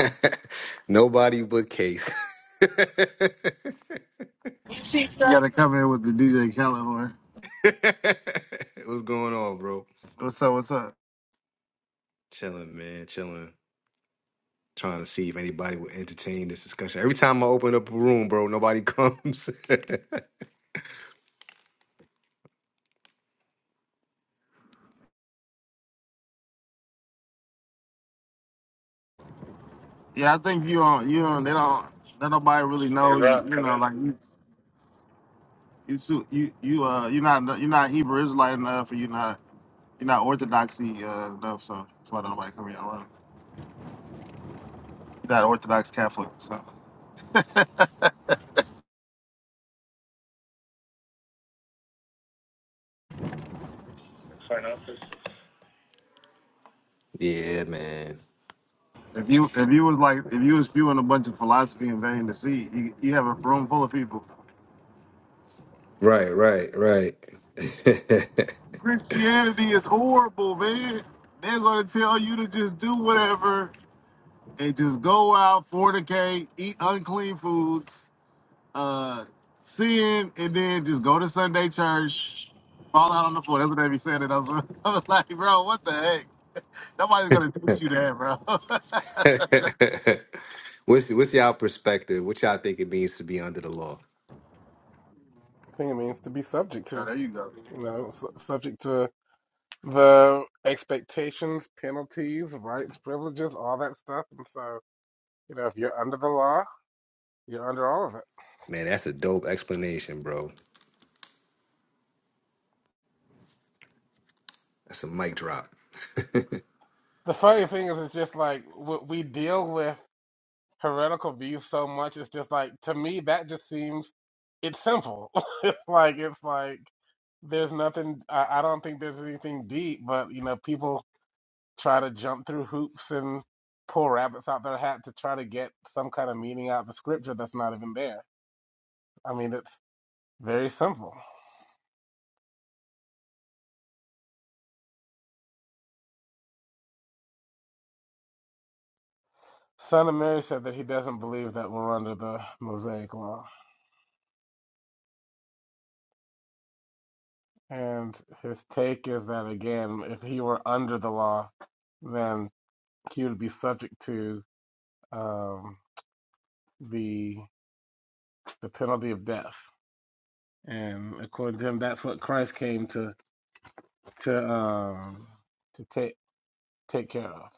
Nobody but Case. What's You gotta come in with the DJ Khaled horn. going on, bro? What's up? What's up? Chilling, man. Chilling. Trying to see if anybody will entertain this discussion. Every time I open up a room, bro, nobody comes. Yeah, I think you on you on. They don't That nobody really know. You, you know, like you you su- you you uh you're not you're not Hebrew Israelite enough, or you're not you're not Orthodoxy uh, enough. So that's why nobody come here around. You're not Orthodox Catholic. So yeah, man. if you if you was like if you was spewing a bunch of philosophy and vain deceit, you you have a room full of people. Right, right, right. Christianity is horrible, man. They're gonna tell you to just do whatever They just go out, fornicate, eat unclean foods, uh, sin, and then just go to Sunday church, fall out on the floor. That's what they be saying. And I was, I was like, bro, what the heck? Nobody's gonna teach you that, bro. what's what's y'all perspective? What y'all think it means to be under the law? I think it means to be subject Oh, to, there you go. you know, su- subject to the expectations, penalties, rights, privileges, all that stuff. And so, you know, if you're under the law, you're under all of it. Man, that's a dope explanation, bro. That's a mic drop. The funny thing is, it's just like w- we deal with heretical views so much. It's just like to me that just seems it's simple. it's like it's like there's nothing. I, I don't think there's anything deep, but you know, people try to jump through hoops and pull rabbits out their hat to try to get some kind of meaning out of the scripture that's not even there. I mean, it's very simple. Son of Mary said that he doesn't believe that we're under the Mosaic law. And his take is that, again, if he were under the law, then he would be subject to um, the the penalty of death. And according to him, that's what Christ came to to um, to take take care of.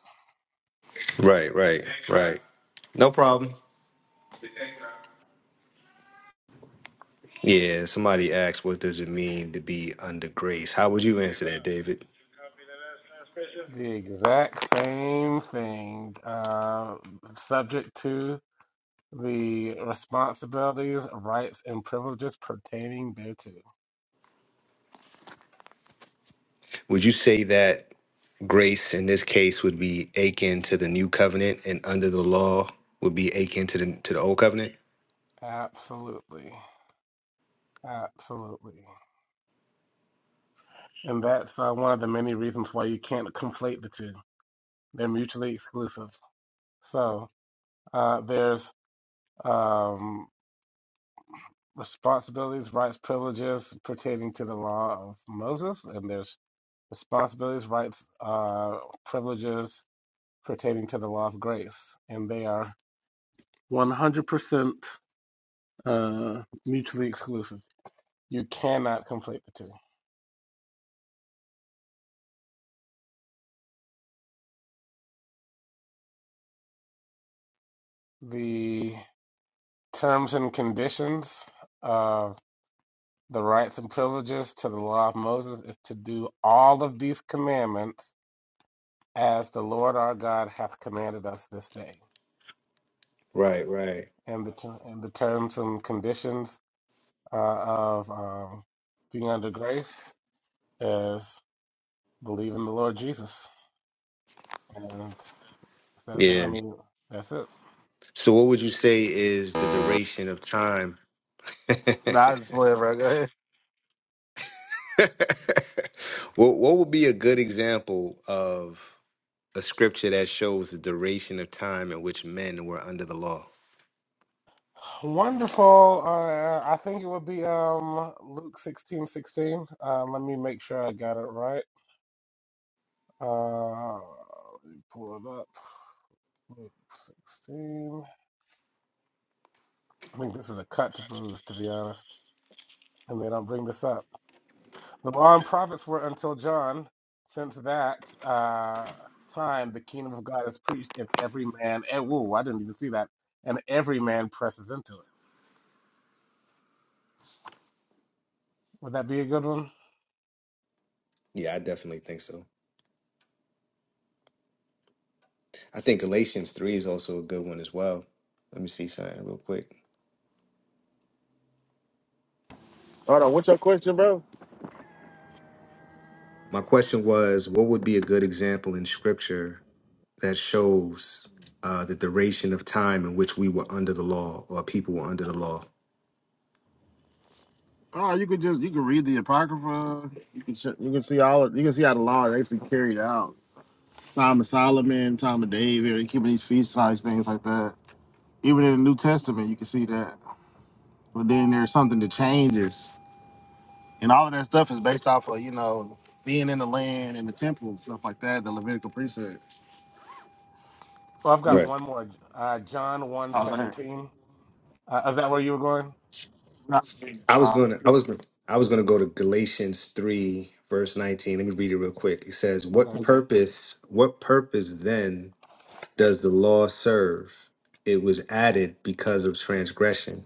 right, right, right. No problem. Yeah, somebody asked, what does it mean to be under grace? How would you answer that, David? The exact same thing, uh, subject to the responsibilities, rights, and privileges pertaining thereto. Would you say that grace in this case would be akin to the new covenant and under the law would be akin to the to the old covenant? Absolutely. Absolutely. And that's uh, one of the many reasons why you can't conflate the two. They're mutually exclusive. So uh, there's um, responsibilities, rights, privileges pertaining to the law of Moses, and there's responsibilities, rights, uh, privileges pertaining to the law of grace, and they are 100% uh, mutually exclusive. You cannot conflate the two. The terms and conditions of the rights and privileges to the law of Moses is to do all of these commandments as the Lord our God hath commanded us this day. Right, right. And the, and the terms and conditions uh, of um, being under grace is believe in the Lord Jesus. and. That's, I Yeah. mean, that's it. So what would you say is the duration of time? Nah, I what just live, bro. Go ahead. what would be a good example of a scripture that shows the duration of time in which men were under the law? Wonderful. Uh, I think it would be um Luke sixteen sixteen. Uh, let me make sure I got it right. Uh, let me pull it up. Luke sixteen. I think this is a cut to Bruce, to be honest. And they don't bring this up. The law and prophets were until John. Since that uh, time, the kingdom of God is preached, and every man. And, whoa, I didn't even see that. And every man presses into it. Would that be a good one? Yeah, I definitely think so. I think Galatians 3 is also a good one as well. Let me see something real quick. Hold on. What's your question, bro? My question was what would be a good example in scripture that shows uh, the duration of time in which we were under the law or people were under the law? Oh, you could just you can read the apocrypha. You can sh- you can see all of, you can see how the law is actually carried out. Time of Solomon, time of David, keeping these feast size things like that. Even in the New Testament, you can see that. But then there's something that changes, and all of that stuff is based off of you know being in the land and the temple stuff like that. The Levitical precept. Well, I've You, got Right. one more. Uh, John one uh, seventeen. Uh, is that where you were going? I was uh, going to I was I was going to go to Galatians 3 verse 19. Let me read it real quick. It says, "What Okay. purpose what purpose then does the law serve? It was added because of transgression."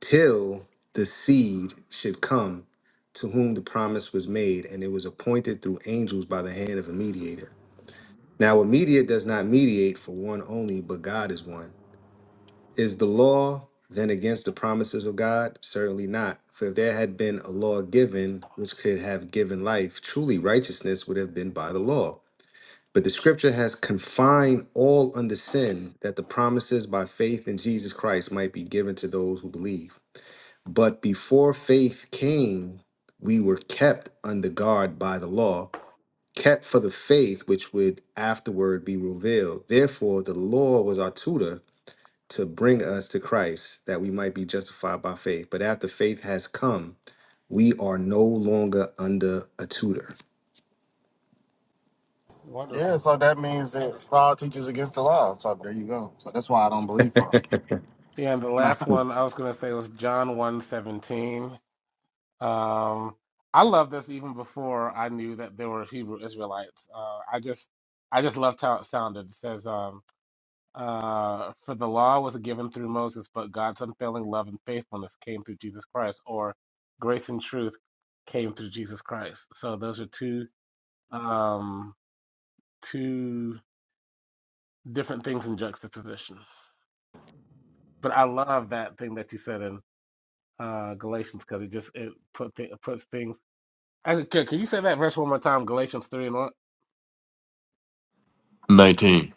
till the seed should come to whom the promise was made, and it was appointed through angels by the hand of a mediator. Now, a mediator does not mediate for one only, but God is one. Is the law then against the promises of God? Certainly not. For if there had been a law given which could have given life, truly righteousness would have been by the law. But the scripture has confined all under sin that the promises by faith in Jesus Christ might be given to those who believe. But before faith came, we were kept under guard by the law, kept for the faith which would afterward be revealed. Therefore, the law was our tutor to bring us to Christ, that we might be justified by faith. But after faith has come, we are no longer under a tutor. yeah, Wonderful. so that means that Paul teaches against the law. So there you go. So that's why I don't believe Paul. Yeah, and the last I one I was going to say was John one seventeen. Um, I love this even before I knew that there were Hebrew Israelites. Uh, I just I just loved how it sounded. It says, um, uh, For the law was given through Moses, but God's unfailing love and faithfulness came through Jesus Christ, or grace and truth came through Jesus Christ. So those are two. Um, two different things in juxtaposition. But I love that thing that you said in uh, Galatians because it just it put th- puts things. Actually, can, can you say that verse one more time? Galatians three and one- Nineteen.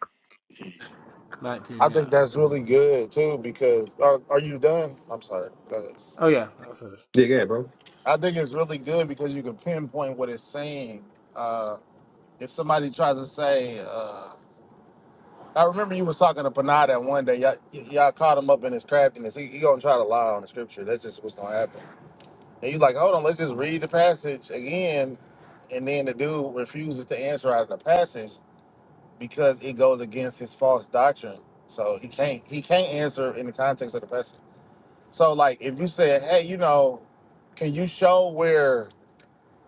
nineteen. Yeah, think that's that's a good really one. good too because are, are you done? I'm sorry. Go ahead. Oh yeah, that's it. Yeah, go ahead, bro. I think it's really good because you can pinpoint what it's saying. Uh, if somebody tries to say. Uh, I remember you was talking to Panada one day. Y'all, y- y'all caught him up in his craftiness. He, he gonna try to lie on the scripture. That's just what's gonna happen. And you like, hold on, let's just read the passage again. And then the dude refuses to answer out of the passage because it goes against his false doctrine. So he can't he can't answer in the context of the passage. So like, if you said, hey, you know, can you show where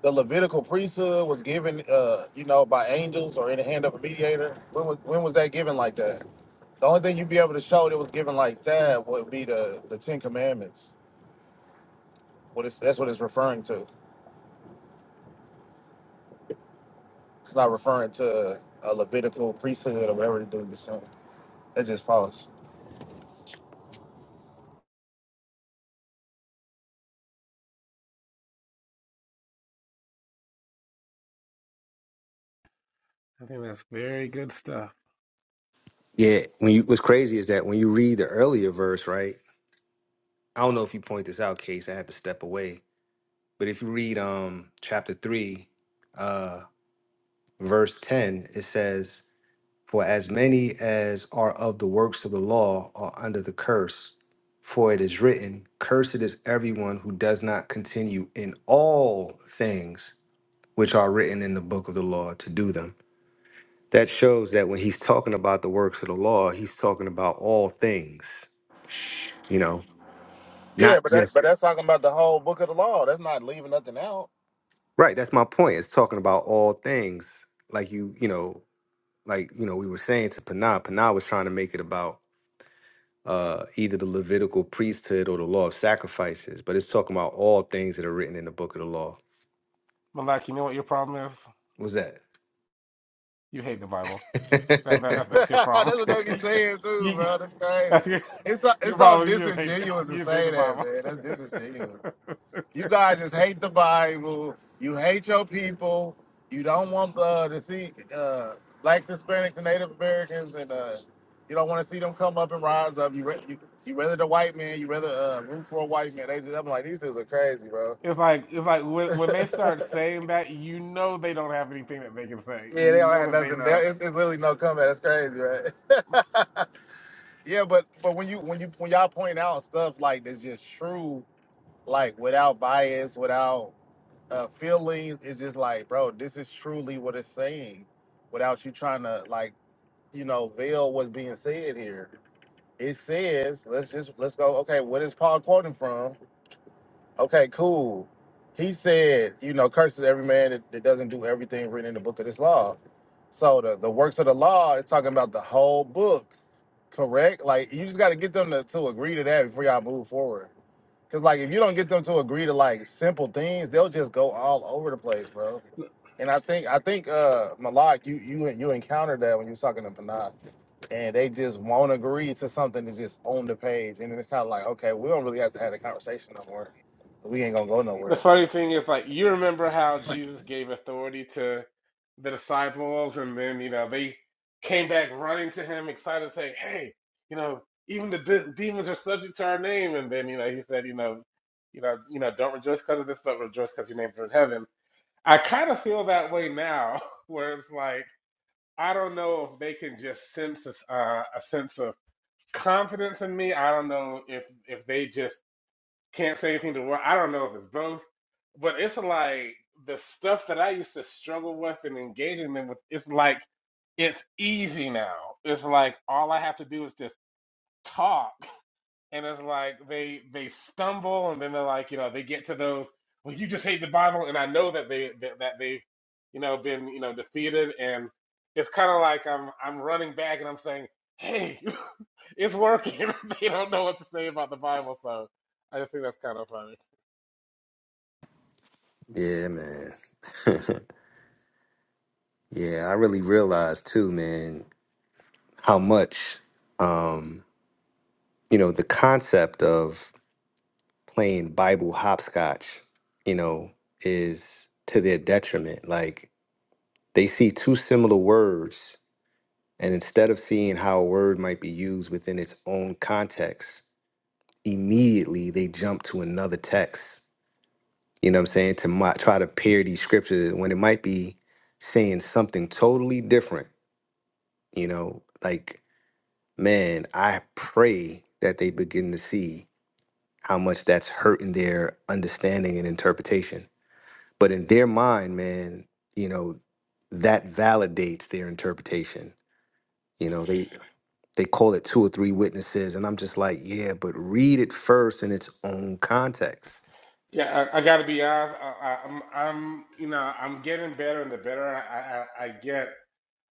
the Levitical priesthood was given, uh, you know, by angels or in the hand of a mediator? When was when was that given like that? The only thing you'd be able to show that was given like that would be the the Ten Commandments. What is that's what it's referring to. It's not referring to a Levitical priesthood or whatever the dude was saying. That's just false. I think that's very good stuff. Yeah, when you what's crazy is that when you read the earlier verse, right? I don't know if you point this out, Case. I had to step away, but if you read um chapter three, uh, verse 10, it says, For as many as are of the works of the law are under the curse. For it is written, Cursed is everyone who does not continue in all things which are written in the book of the law to do them. That shows that when he's talking about the works of the law, he's talking about all things, you know, Yeah, not but that, but just, that's talking about the whole book of the law. That's not leaving nothing out. right. That's my point. It's talking about all things. Like you, you know, like, you know, we were saying to Panah, Panah was trying to make it about uh, either the Levitical priesthood or the law of sacrifices, but it's talking about all things that are written in the book of the law. Malak, you know what your problem is? What's that? You hate the Bible. That, that that's, that's your that's problem. what they be saying too, you bro. That's crazy. that's your It's so, your it's so problem. is You just hate the, disingenuous to you just hate the say that, Bible. man. That's disingenuous. You guys just hate the Bible. You hate your people. You don't want uh, to see uh, blacks, Hispanics, and Native Americans, and uh, you don't want to see them come up and rise up. You ra- you, you rather the white man. You rather uh, root for a white man. They just I'm like these dudes are crazy, bro. It's like it's like when, when they start saying that, you know they don't have anything that they can say. Yeah, they You don't know have that they nothing. They, know. it- it's literally no comeback. That's crazy, right? yeah, but but when you when you when y'all point out stuff like that's just true, like without bias, without uh, feelings is just like, bro, this is truly what it's saying without you trying to like, you know, veil what's being said here. It says, let's just let's go, okay, what is Paul quoting from? Okay, cool. He said, you know, curses every man that, that doesn't do everything written in the book of this law. So the, the works of the law is talking about the whole book, correct? Like you just gotta get them to, to agree to that before y'all move forward. Cause like if you don't get them to agree to like simple things, they'll just go all over the place, bro. And I think I think uh Malak, you you you encountered that when you was talking to Panay, and they just won't agree to something that's just on the page, and then it's kind of like, okay, we don't really have to have a conversation no more. We ain't gonna go The nowhere. funny thing is, like, you remember how Jesus gave authority to the disciples, and then, you know, they came back running to him, excited, saying, Hey, you know, even the de- demons are subject to our name. And then, you know, he said, You know, you know, you know, don't rejoice because of this, but rejoice because your names are in heaven. I kind of feel that way now, where it's like, I don't know if they can just sense this, uh, a sense of confidence in me. I don't know if if they just Can't say anything to work. I don't know if it's both, but it's like the stuff that I used to struggle with and engaging them with. It's like it's easy now. It's like all I have to do is just talk, and it's like they they stumble, and then they're like, you know, they get to those. Well, you just hate the Bible, and I know that they that, that they've you know been you know defeated, and it's kind of like I'm I'm running back, and I'm saying, hey, it's working. they don't know what to say about the Bible, so I just think that's kind of funny. yeah, man. yeah, I really realized too, man, how much, um, you know, the concept of playing Bible hopscotch, you know, is to their detriment. Like they see two similar words, and instead of seeing how a word might be used within its own context, immediately they jump to another text. You know what I'm saying? To mo- try to parody scripture when it might be saying something totally different. You know, like, man, I pray that they begin to see how much that's hurting their understanding and interpretation. But in their mind, man, you know, that validates their interpretation. You know, they they call it two or three witnesses, and I'm just like, yeah, but read it first in its own context Yeah, I, I got to be honest. I, I, I'm, I'm, you know, I'm getting better, and the better I, I, I get,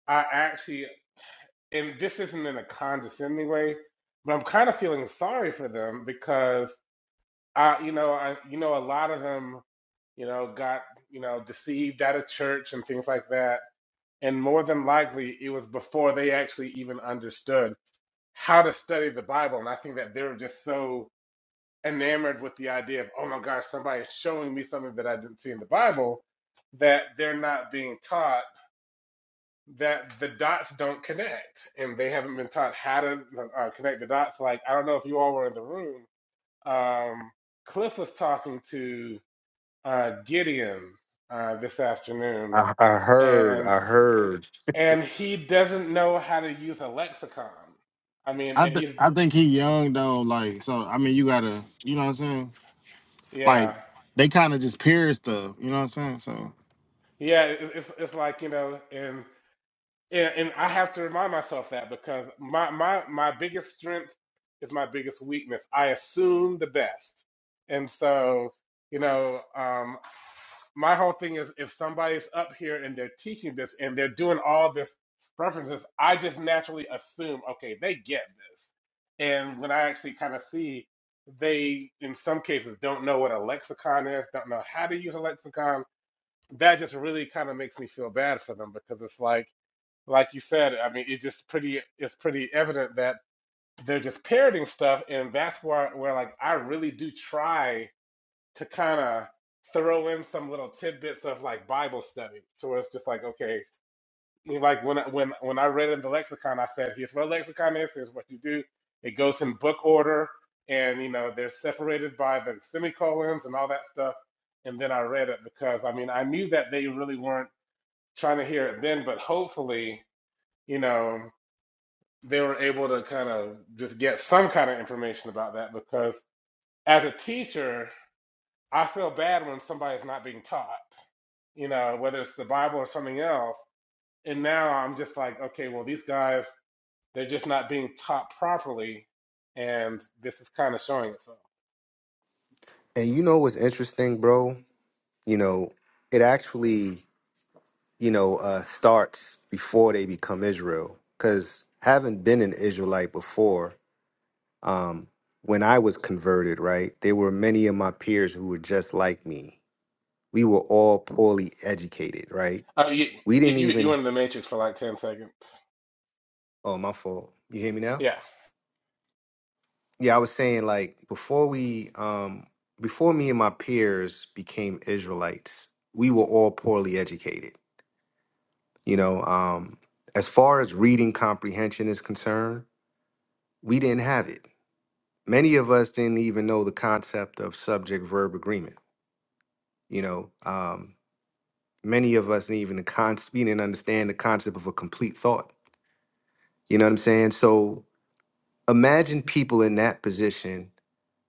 I actually, and this isn't in a condescending way, but I'm kind of feeling sorry for them because I, you know, I, you know, a lot of them, you know, got, you know, deceived out of church and things like that, and more than likely, it was before they actually even understood how to study the Bible, and I think that they're just so enamored with the idea of, oh my gosh, somebody is showing me something that I didn't see in the Bible, that they're not being taught that the dots don't connect. And they haven't been taught how to uh, connect the dots. Like, I don't know if you all were in the room. Um, Cliff was talking to uh, Gideon uh, this afternoon, I, I heard, and I heard. and he doesn't know how to use a lexicon. I mean, I and th- he's, I think he young though. Like so, I mean, you gotta, you know what I'm saying? Like yeah. they kind of just peer stuff. You know what I'm saying? So Yeah, it- it's it's like, you know, in Yeah, and I have to remind myself that because my my my biggest strength is my biggest weakness. I assume the best, and so you know, um, my whole thing is if somebody's up here and they're teaching this and they're doing all this references, I just naturally assume, okay, they get this. And when I actually kind of see they, in some cases, don't know what a lexicon is, don't know how to use a lexicon, that just really kind of makes me feel bad for them because it's like like you said, I mean, it's just pretty it's pretty evident that they're just parroting stuff, and that's where where like I really do try to kind of throw in some little tidbits of like Bible study, to where it's just like okay, like when I- when when I read in the lexicon, I said here's what a lexicon is, here's what you do. It goes in book order, and you know they're separated by the semicolons and all that stuff. And then I read it because I mean I knew that they really weren't trying to hear it then, but hopefully. You know, they were able to kind of just get some kind of information about that because as a teacher, I feel bad when somebody's not being taught, you know, whether it's the Bible or something else. And now I'm just like, okay, well, these guys, they're just not being taught properly. And this is kind of showing itself. And you know what's interesting, bro? You know, it actually, you know, uh, starts before they become Israel. Because having been an Israelite before, um, when I was converted, right, there were many of my peers who were just like me. We were all poorly educated, right? Uh, you, We you, didn't you even, went in the matrix for like 10 seconds. oh, my fault. You hear me now? Yeah. Yeah, I was saying like before we um before me and my peers became Israelites, we were all poorly educated. You know, um as far as reading comprehension is concerned, we didn't have it. Many of us didn't even know the concept of subject verb agreement. You know, um many of us didn't even the con- we didn't understand the concept of a complete thought. You know what I'm saying? So imagine people in that position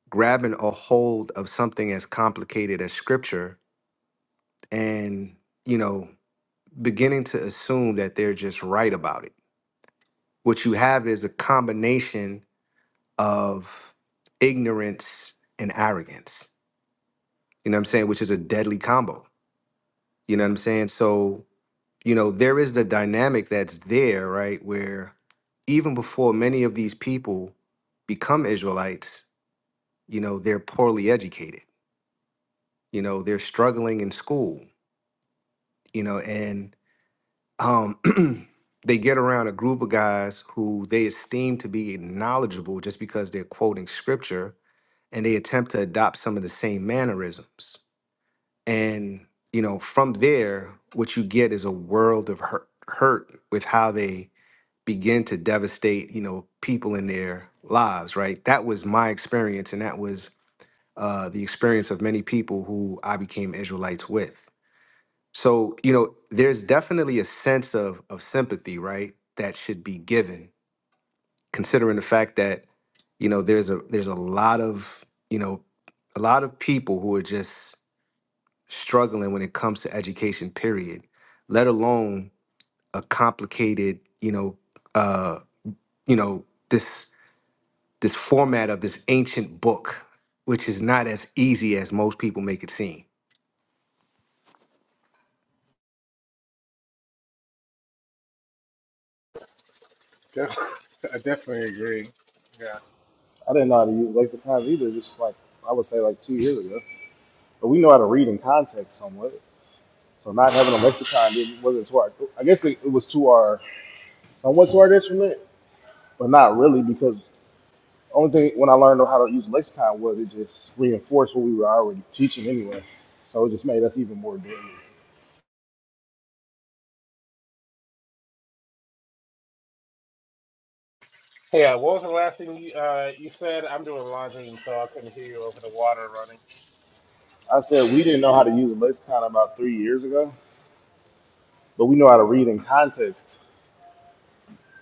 grabbing a hold of something as complicated as scripture and you know beginning to assume that they're just right about it what you have is a combination of ignorance and arrogance you know what i'm saying which is a deadly combo you know what i'm saying so you know there is the dynamic that's there right where even before many of these people become israelites you know they're poorly educated you know they're struggling in school you know and um, they get around a group of guys who they esteem to be knowledgeable just because they're quoting scripture and they attempt to adopt some of the same mannerisms. And, you know, from there, what you get is a world of hurt, hurt with how they begin to devastate, you know, people in their lives, right? That was my experience. And that was uh, the experience of many people who I became Israelites with. So, you know, there's definitely a sense of of sympathy, right? That should be given, considering the fact that, you know, there's a there's a lot of, you know, a lot of people who are just struggling when it comes to education, period, let alone a complicated, you know, uh, you know, this this format of this ancient book, which is not as easy as most people make it seem. def- I definitely agree. Yeah. I didn't know how to use lexicons either. Just like I would say, like two years ago. but we know how to read in context somewhat. So not having a lexicon didn't, wasn't to our. I guess it, it was to our somewhat to our detriment, but not really because the only thing when I learned how to use a lexicon was it just reinforced what we were already teaching anyway. So it just made us even more deadly. Hey, uh, what was the last thing you, uh, you said? I'm doing laundry, and so I couldn't hear you over the water running. I said we didn't know how to use a lexicon about three years ago, but we know how to read in context.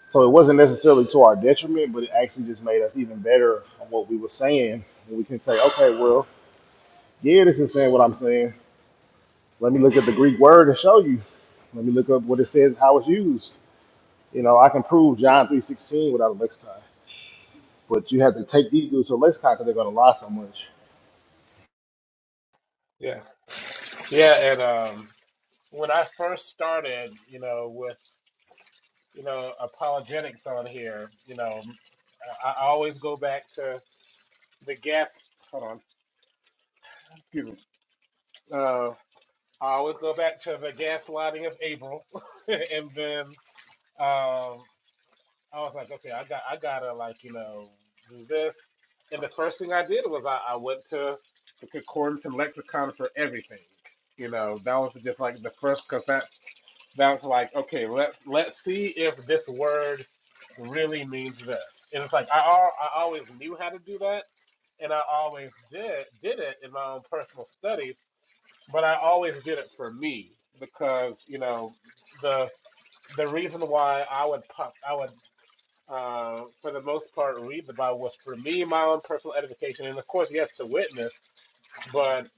So it wasn't necessarily to our detriment, but it actually just made us even better on what we were saying. And we can say, okay, well, yeah, this is saying what I'm saying, Let me look at the Greek word and show you. Let me look up what it says, how it's used. You know, I can prove John 3.16 without a lexicon. But you have to take these dudes to a lexicon because they're going to lie so much. Yeah. Yeah, and um, when I first started, you know, with you know apologetics on here, you know, I, I always go back to the gas. Hold on, excuse me. Uh, I always go back to the gaslighting of April, and then um, I was like, okay, I got I gotta like you know do this, and the first thing I did was I, I went to the concordance and lexicon for everything. You know, that was just like the first because that that's like okay, let's let's see if this word really means this. And it's like I al- I always knew how to do that, and I always did did it in my own personal studies, but I always did it for me because you know the the reason why I would pop I would uh, for the most part, read the Bible was for me my own personal edification, and of course, yes, to witness. But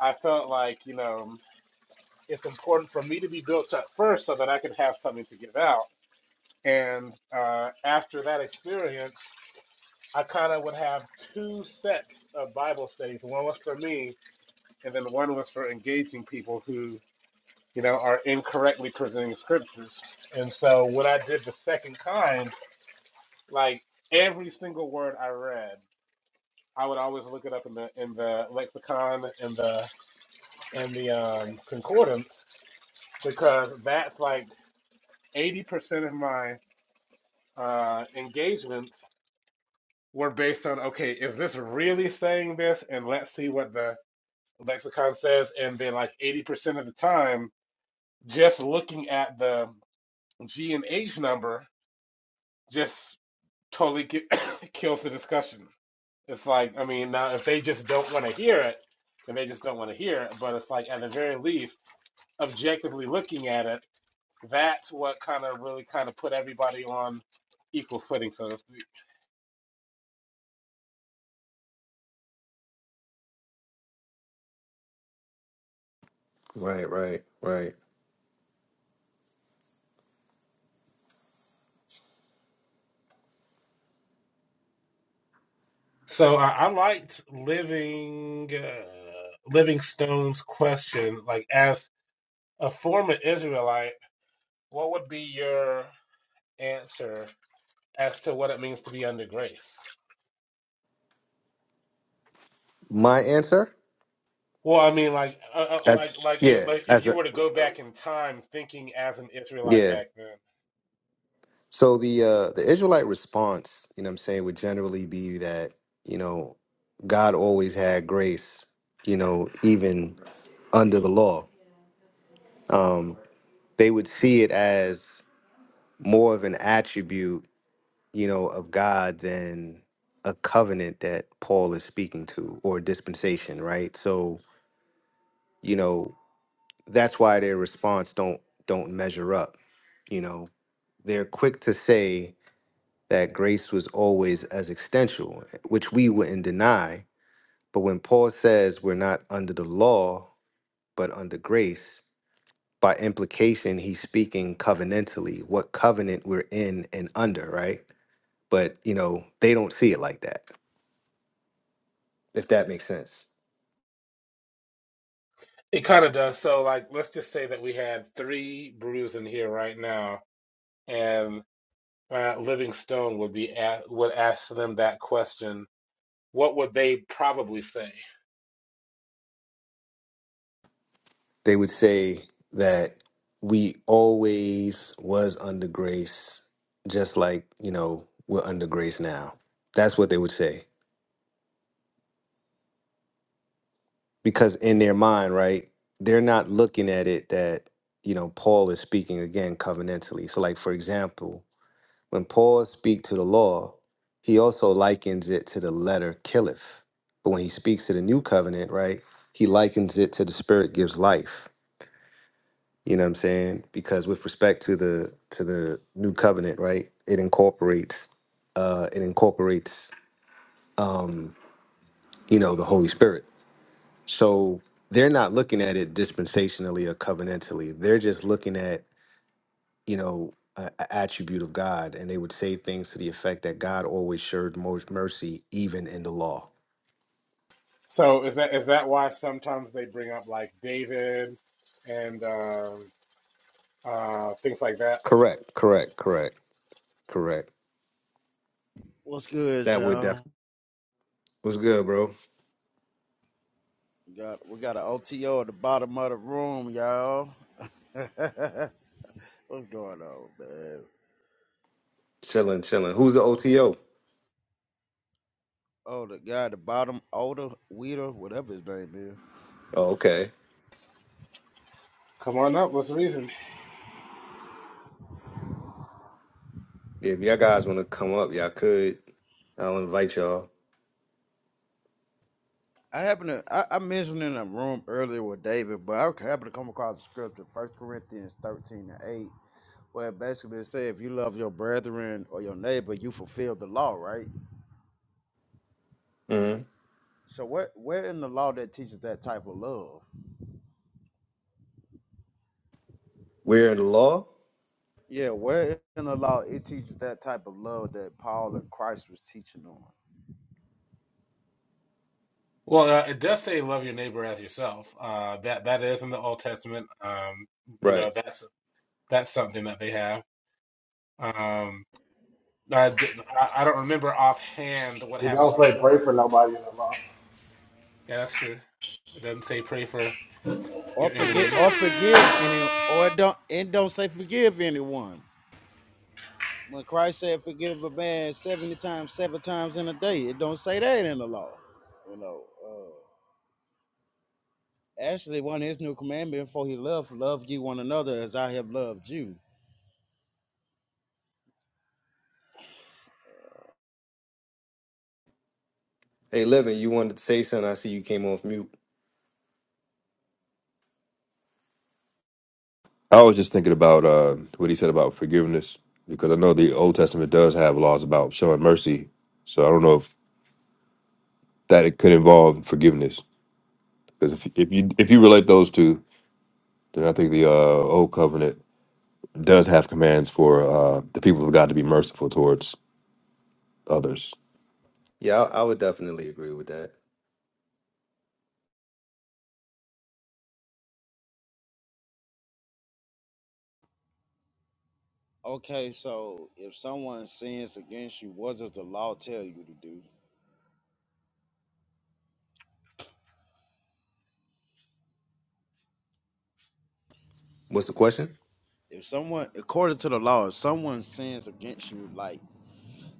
I felt like you know it's important for me to be built up first, so that I could have something to give out. And uh, after that experience, I kind of would have two sets of Bible studies. One was for me, and then one was for engaging people who you know are incorrectly presenting scriptures. And so when I did the second kind, like every single word I read. I would always look it up in the in the lexicon and the in the um, concordance because that's like eighty percent of my uh, engagements were based on okay, is this really saying this? And let's see what the lexicon says. And then like eighty percent of the time, just looking at the G and H number just totally ki- kills the discussion. It's like, I mean, now if they just don't want to hear it, then they just don't want to hear it. But it's like, at the very least, objectively looking at it, that's what kind of really kind of put everybody on equal footing, so to speak. Right, right, right. So I, I liked living uh, Livingstone's question, like as a former Israelite, what would be your answer as to what it means to be under grace? My answer? Well, I mean, like, uh, uh, As like, like, yeah, if, like, if as you a were to go back in time, thinking as an Israelite yeah. back then, So the uh the Israelite response, you know what I'm saying, would generally be that, you know, God always had grace, you know, even under the law. Um they would see it as more of an attribute, you know, of God than a covenant that Paul is speaking to or dispensation, right? So, you know, that's why their response don't don't measure up, you know. They're quick to say that grace was always as existential, which we wouldn't deny. But when Paul says we're not under the law, but under grace, by implication, he's speaking covenantally, what covenant we're in and under, right? But, you know, they don't see it like that, if that makes sense. it kind of does. So, like, let's just say that we had three brews in here right now, and uh, Livingstone would be a would ask them that question. What would they probably say? They would say that we always was under grace, just like, you know, we're under grace now. That's what they would say because in their mind, right, they're not looking at it that you know Paul is speaking again covenantally. So, like for example, when Paul speaks to the law, he also likens it to the letter killeth. But when he speaks to the new covenant, right, he likens it to the Spirit gives life. You know what I'm saying? Because with respect to the to the new covenant, right, it incorporates uh, it incorporates um, you know the Holy Spirit So they're not looking at it dispensationally or covenantally. They're just looking at, you know, an attribute of God. And they would say things to the effect that God always showed mo- mercy even in the law. So, is that is that why sometimes they bring up like David and um, uh, things like that? Correct, correct, correct, correct. What's good, That would y'all? definitely. What's good, bro? We got we got an OTO at the bottom of the room, y'all. What's going on, man? Chilling, chilling. Who's the OTO? Oh, the guy at the bottom, Older Weeder, whatever his name is. Oh, okay. Come on up. Let's reason. If y'all guys want to come up, y'all could. I'll invite y'all. I happened to I, I mentioned in a room earlier with David, but I happened to come across the scripture, First Corinthians thirteen and eight, where it basically say if you love your brethren or your neighbor, you fulfill the law, right? hmm So what where in the law that teaches that type of love? We're in the law? Yeah, where in the law it teaches that type of love that Paul and Christ was teaching on. Well, uh, it does say love your neighbor as yourself. Uh, that that is in the Old Testament. Um, you Right. know, that's that's something that they have. Um, I, d- I- I don't remember offhand what They happens don't say pray before. it. for nobody in the law. Yeah, that's true. It doesn't say pray for Or your forget or enemies. forgive any or don't and don't say forgive anyone. When Christ said forgive a man seventy times, seven times in a day, it don't say that in the law. You know. Uh, actually one of his new commandments before he left, love ye one another as I have loved you. Hey, Livin, you wanted to say something. I see you came off mute. I was just thinking about uh, what he said about forgiveness because I know the Old Testament does have laws about showing mercy. So I don't know if that it could involve forgiveness because if if you if you relate those two, then I think the uh, Old Covenant does have commands for uh, the people of God to be merciful towards others. Yeah, I, I would definitely agree with that. Okay, so if someone sins against you, what does the law tell you to do? What's the question? If someone according to the law, if someone sins against you, like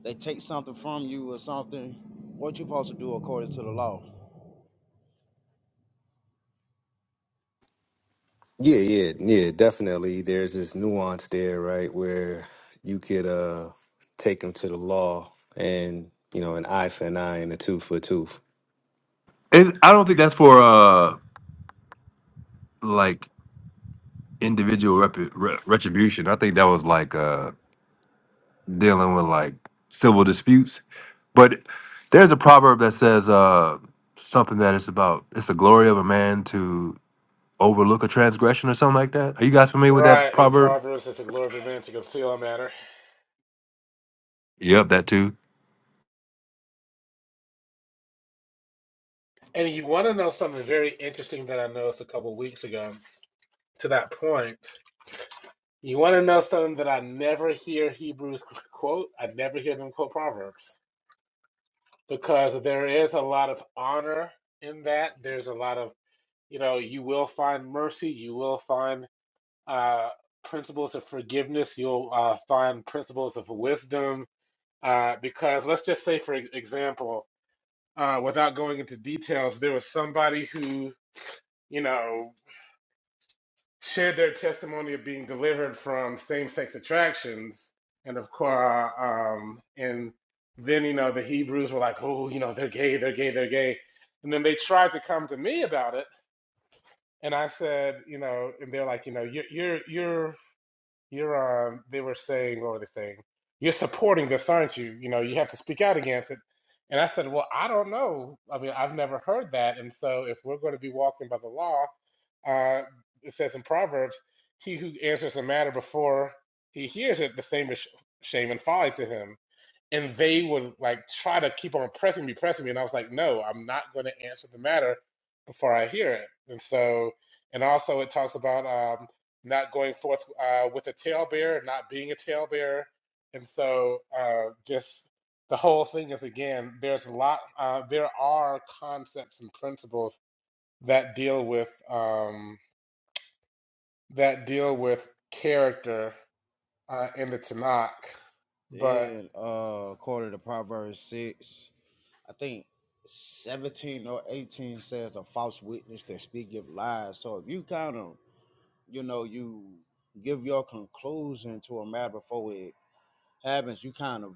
they take something from you or something, what you supposed to do according to the law. Yeah, yeah, yeah, definitely. There's this nuance there, right, where you could uh take them to the law and, you know, an eye for an eye and a tooth for a tooth. It's, I don't think that's for uh like individual rep- re- retribution. I think that was like uh dealing with like civil disputes. But there's a proverb that says uh, something that it's about it's the glory of a man to overlook a transgression or something like that. Are you guys familiar with that Right, in proverb? Proverbs, it's the glory of a man to conceal a matter. Yep, that too. And you want to know something very interesting that I noticed a couple weeks ago. To that point, you want to know something that I never hear Hebrews quote. I never hear them quote Proverbs. because there is a lot of honor in that. There's a lot of, you know, you will find mercy, you will find uh, principles of forgiveness, you'll uh, find principles of wisdom. Uh, because let's just say, for example, uh, without going into details, there was somebody who, you know, shared their testimony of being delivered from same-sex attractions, and of course, um, and then you know the Hebrews were like, "Oh, you know, they're gay, they're gay, they're gay," and then they tried to come to me about it, and I said, you know, and they're like, you know, you're you're you're you're uh they were saying what were they saying you're supporting this aren't you you know you have to speak out against it and i said well i don't know i mean i've never heard that and so if we're going to be walking by the law uh it says in proverbs he who answers a matter before he hears it the same is sh- shame and folly to him and they would like try to keep on pressing me, pressing me, and I was like, no, I'm not going to answer the matter before I hear it. And so, and also it talks about um, not going forth uh, with a talebearer, not being a talebearer, and so uh, just the whole thing is again, there's a lot, uh, there are concepts and principles that deal with um, that deal with character uh, in the Tanakh, Then uh according to Proverbs six, I think seventeen or eighteen says a false witness that speaketh lies. So if you kind of you know, you give your conclusion to a matter before it happens, you kind of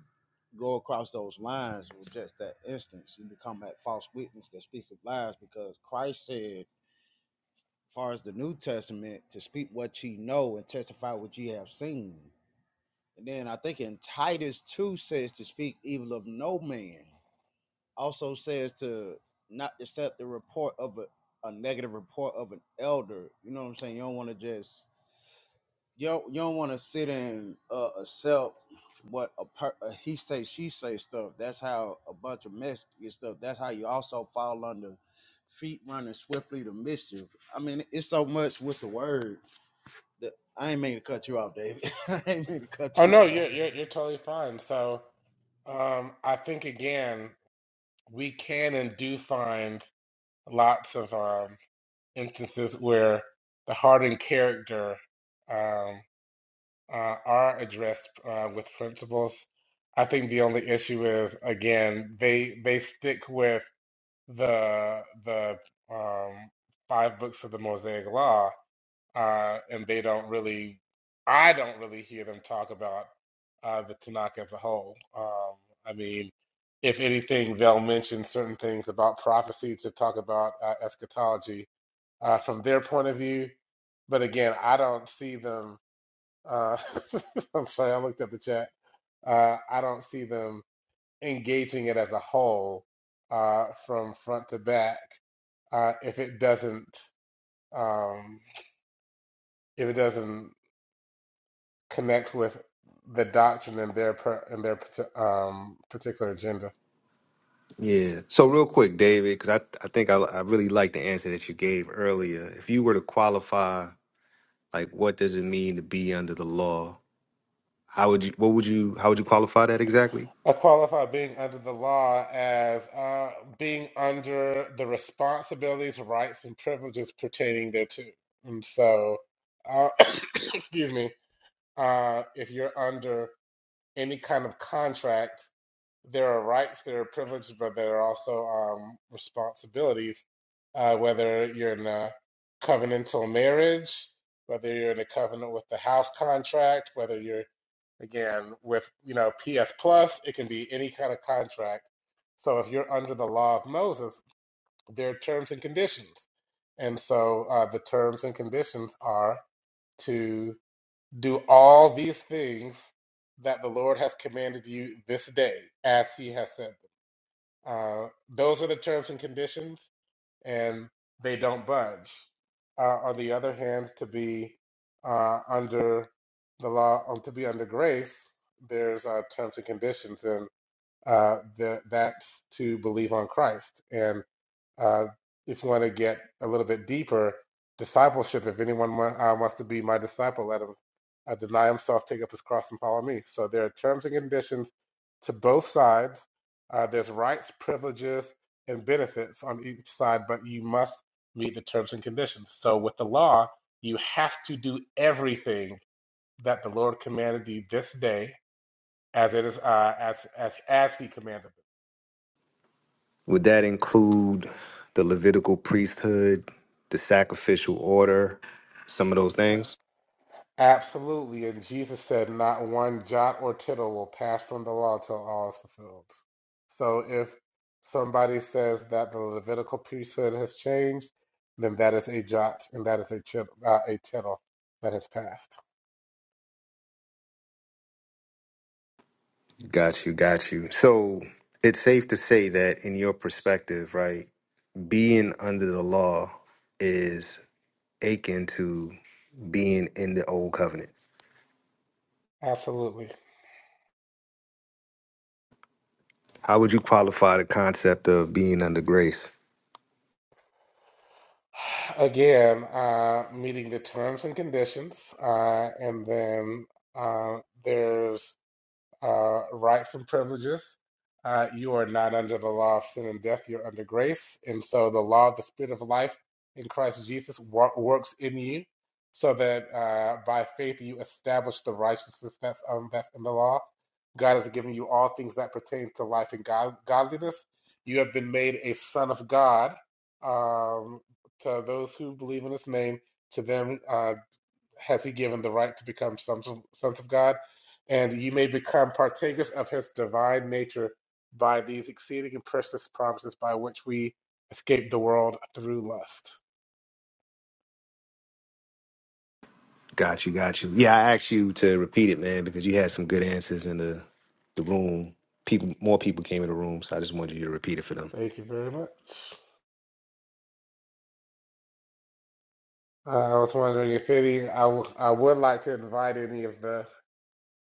go across those lines with just that instance. You become that false witness that speaketh lies because Christ said far as the New Testament to speak what ye know and testify what ye have seen. And then I think in Titus 2 says to speak evil of no man. Also says to not accept the report of a, a negative report of an elder. You know what I'm saying? You don't want to just you don't, you don't want to sit and uh, accept what a, per, a he say she say stuff. That's how a bunch of mess get stuff. That's how you also fall under feet running swiftly to mischief. I mean, it's so much with the word the, I ain't mean to cut you off, David. I ain't mean to cut Oh no, you off. you're you're you're totally fine. So um, I think again, we can and do find lots of um, instances where the heart and character um, uh, are addressed uh, with principles. I think the only issue is again they they stick with the the um, five books of the Mosaic Law, uh, and they don't really, I don't really hear them talk about uh, the Tanakh as a whole. Um, I mean, if anything, they'll mention certain things about prophecy to talk about uh, eschatology uh, from their point of view. But again, I don't see them. Uh, I'm sorry, I looked at the chat. Uh, I don't see them engaging it as a whole uh, from front to back uh, if it doesn't um, if it doesn't. connect with the doctrine and their per, and their um, particular agenda. Yeah. So real quick, David, because I, I think I, I really like the answer that you gave earlier. If you were to qualify, like, what does it mean to be under the law? How would you, what would you, how would you qualify that exactly? I qualify being under the law as uh, being under the responsibilities, rights, and privileges pertaining thereto. And so, uh, excuse me, uh, if you're under any kind of contract there are rights, there are privileges, but there are also um, responsibilities. Uh, whether you're in a covenantal marriage, whether you're in a covenant with the house contract, whether you're again with you know PS Plus, it can be any kind of contract. So if you're under the law of Moses, there are terms and conditions, and so uh, the terms and conditions are to do all these things that the Lord has commanded you this day, as He has said. Uh, those are the terms and conditions, and they don't budge. Uh, on the other hand, to be uh, under the law, um, to be under grace, there's uh, terms and conditions, and uh, the, that's to believe on Christ. And uh, if you want to get a little bit deeper, discipleship. If anyone wa- uh, wants to be my disciple, let him uh, deny himself, take up his cross, and follow me. So there are terms and conditions to both sides. Uh, there's rights, privileges, and benefits on each side, but you must meet the terms and conditions. So with the law, you have to do everything that the Lord commanded you this day, as it is uh, as as as He commanded. Would that include the Levitical priesthood, the sacrificial order, some of those things? Absolutely. And Jesus said, Not one jot or tittle will pass from the law till all is fulfilled. So if somebody says that the Levitical priesthood has changed, then that is a jot and that is a, chit- uh, a tittle that has passed. Got you, got you. So it's safe to say that, in your perspective, right, being under the law is akin to being in the old covenant. Absolutely. How would you qualify the concept of being under grace? Again, uh, meeting the terms and conditions. Uh, and then uh, there's uh, rights and privileges. Uh, you are not under the law of sin and death, you're under grace. And so the law of the Spirit of life in Christ Jesus wor- works in you so that uh, by faith you establish the righteousness that's, um, that's in the law. God has given you all things that pertain to life and god- godliness. You have been made a son of God um, to those who believe in his name. To them, uh, has he given the right to become sons of, sons of God, and you may become partakers of his divine nature by these exceeding and precious promises by which we escape the world through lust. Got you, got you. Yeah, I asked you to repeat it, man, because you had some good answers in the the room. People, more people came in the room, so I just wanted you to repeat it for them. Thank you very much. Uh, I was wondering if any, I, w- I would like to invite any of the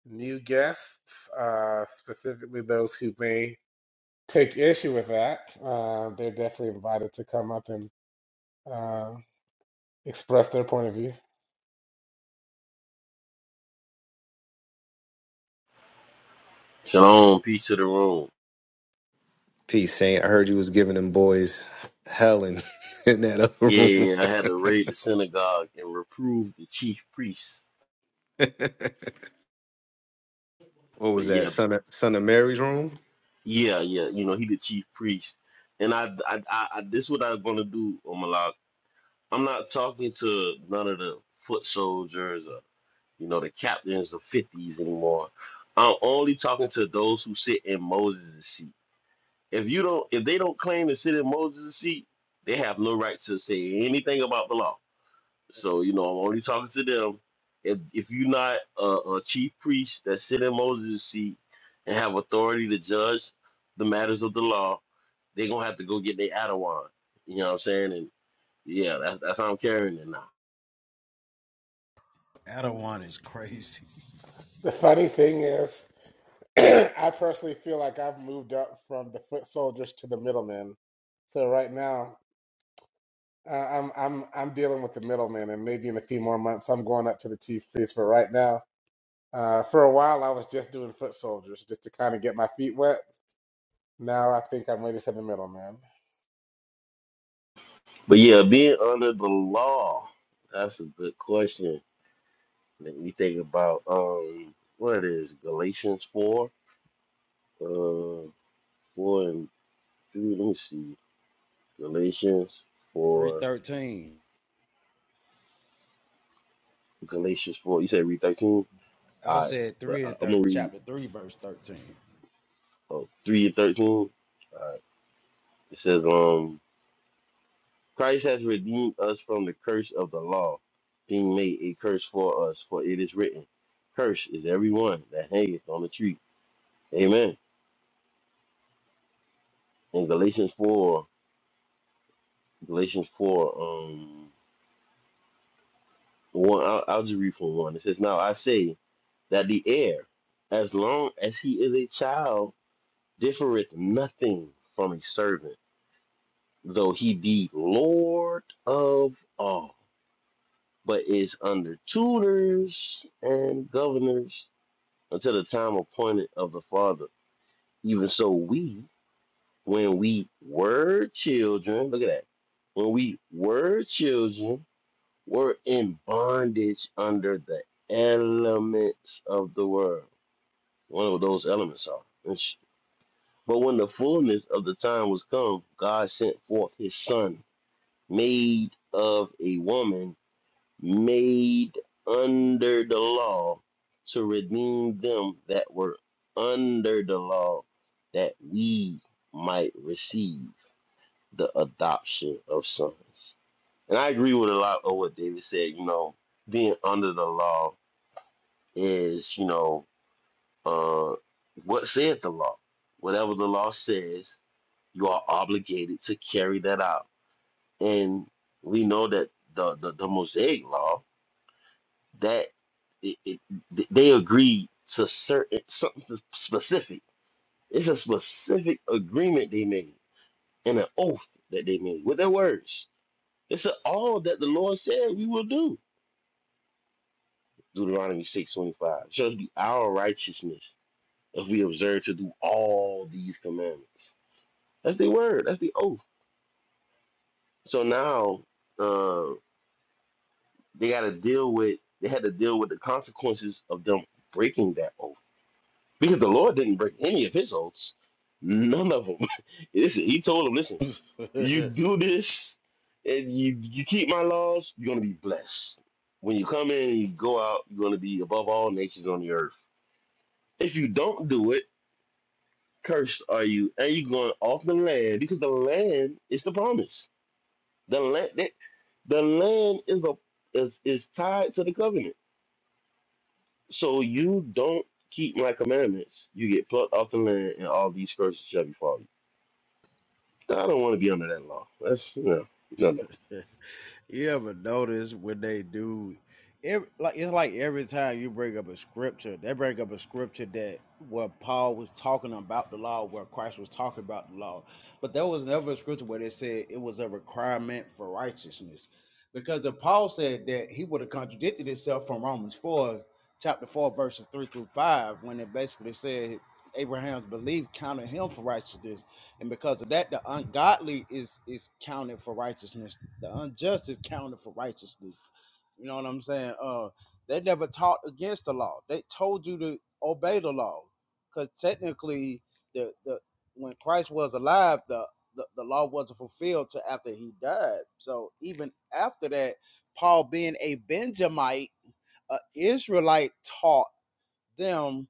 new guests, uh, specifically those who may take issue with that. Uh, they're definitely invited to come up and uh, express their point of view. Shalom, peace to the room. Peace, Saint. I heard you was giving them boys hell in, in that Yeah, I other had to raid the synagogue and reprove the chief priest. room. what But was that yeah, son of son of mary's room yeah, yeah, you know, he the chief priest. And I, I, I, I this what I'm gonna do on my log. I'm not talking to none of the foot soldiers or you know the captains of fifties anymore. I'm only talking to those who sit in Moses' seat. If you don't, if they don't claim to sit in Moses' seat, they have no right to say anything about the law. So you know, I'm only talking to them. If if you're not a, a chief priest that sit in Moses' seat and have authority to judge the matters of the law, they're gonna have to go get their Adawan. You know what I'm saying? And yeah, that's that's how I'm carrying it now. Adawan is crazy. The funny thing is, I personally feel like I've moved up from the foot soldiers to the middlemen. So right now, uh, I'm I'm I'm dealing with the middlemen, and maybe in a few more months, I'm going up to the chief priest. But right now, uh, for a while, I was just doing foot soldiers just to kind of get my feet wet. Now I think I'm ready for the middlemen. But yeah, being under the law, that's a good question. Let me think about um what is Galatians four? Uh four and three. Let me see. Galatians Three four. thirteen. Galatians four. You said read thirteen? I All right, said but three I, and I'm gonna thir- read chapter three, verse thirteen. uh, three and thirteen. Uh, it says, "Um, Christ has redeemed us from the curse of the law, being made a curse for us, for it is written, Curse is everyone that hangeth on the tree." Amen. In Galatians four, Galatians four, um, one, I'll, I'll just read from one. It says, "Now I say that the heir, as long as he is a child, differeth nothing from a servant." though he be Lord of all, but is under tutors and governors until the time appointed of the Father. Even so, we, when we were children, look at that, when we were children, were in bondage under the elements of the world. One of those elements are. But when the fullness of the time was come, God sent forth his Son, made of a woman made under the law to redeem them that were under the law, that we might receive the adoption of sons. And I agree with a lot of what David said. You know, being under the law is, you know, uh, what said the law? Whatever the law says, you are obligated to carry that out. And we know that the, the, the Mosaic law that it, it, they agreed to certain something specific. It's a specific agreement they made and an oath that they made with their words. It's a, all that the Lord said we will do. Deuteronomy six twenty five shall be our righteousness if we observe to do all these commandments. That's the word. That's the oath. So now uh, they got to deal with. They had to deal with the consequences of them breaking that oath Because the Lord didn't break any of his oaths. None of them. Listen, he told them, listen, you do this and you, you keep my laws, you're going to be blessed. When you come in and you go out, you're going to be above all nations on the earth. If you don't do it, cursed are you. And you're going off the land because the land is the promise. The land, the, the land is, a, is, is tied to the covenant. So you don't keep my commandments, you get plucked off the land and all these curses shall befall you. I don't want to be under that law. That's you know, no, no. you ever notice when they do every, like it's like every time you bring up a scripture they bring up a scripture that where paul was talking about the law where christ was talking about the law but there was never a scripture where they said it was a requirement for righteousness because if paul said that he would have contradicted himself from romans 4 chapter 4 verses 3 through 5 when it basically said abraham's belief counted him for righteousness and because of that the ungodly is is counted for righteousness the unjust is counted for righteousness you know what i'm saying uh they never taught against the law they told you to obey the law because technically the the when christ was alive the, the the law wasn't fulfilled till after he died so even after that paul being a benjamite a israelite taught them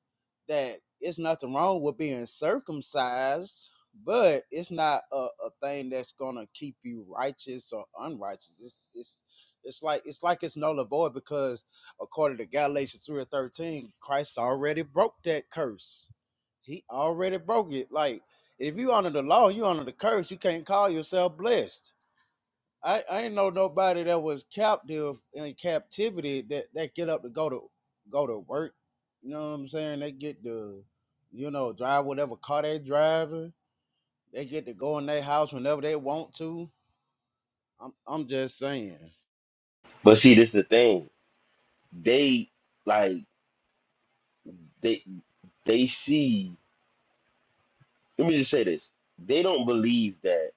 that it's nothing wrong with being circumcised, but it's not a, a thing that's gonna keep you righteous or unrighteous. It's it's it's like it's like it's null and void because according to Galatians three and thirteen, Christ already broke that curse. He already broke it. Like if you honor the law, you honor the curse. You can't call yourself blessed I, I ain't know nobody that was captive in captivity that that get up to go to go to work. You know what I'm saying? They get to, you know, drive whatever car they driving. They get to go in their house whenever they want to. I'm I'm just saying. But see, this is the thing. They like they they see. Let me just say this. They don't believe that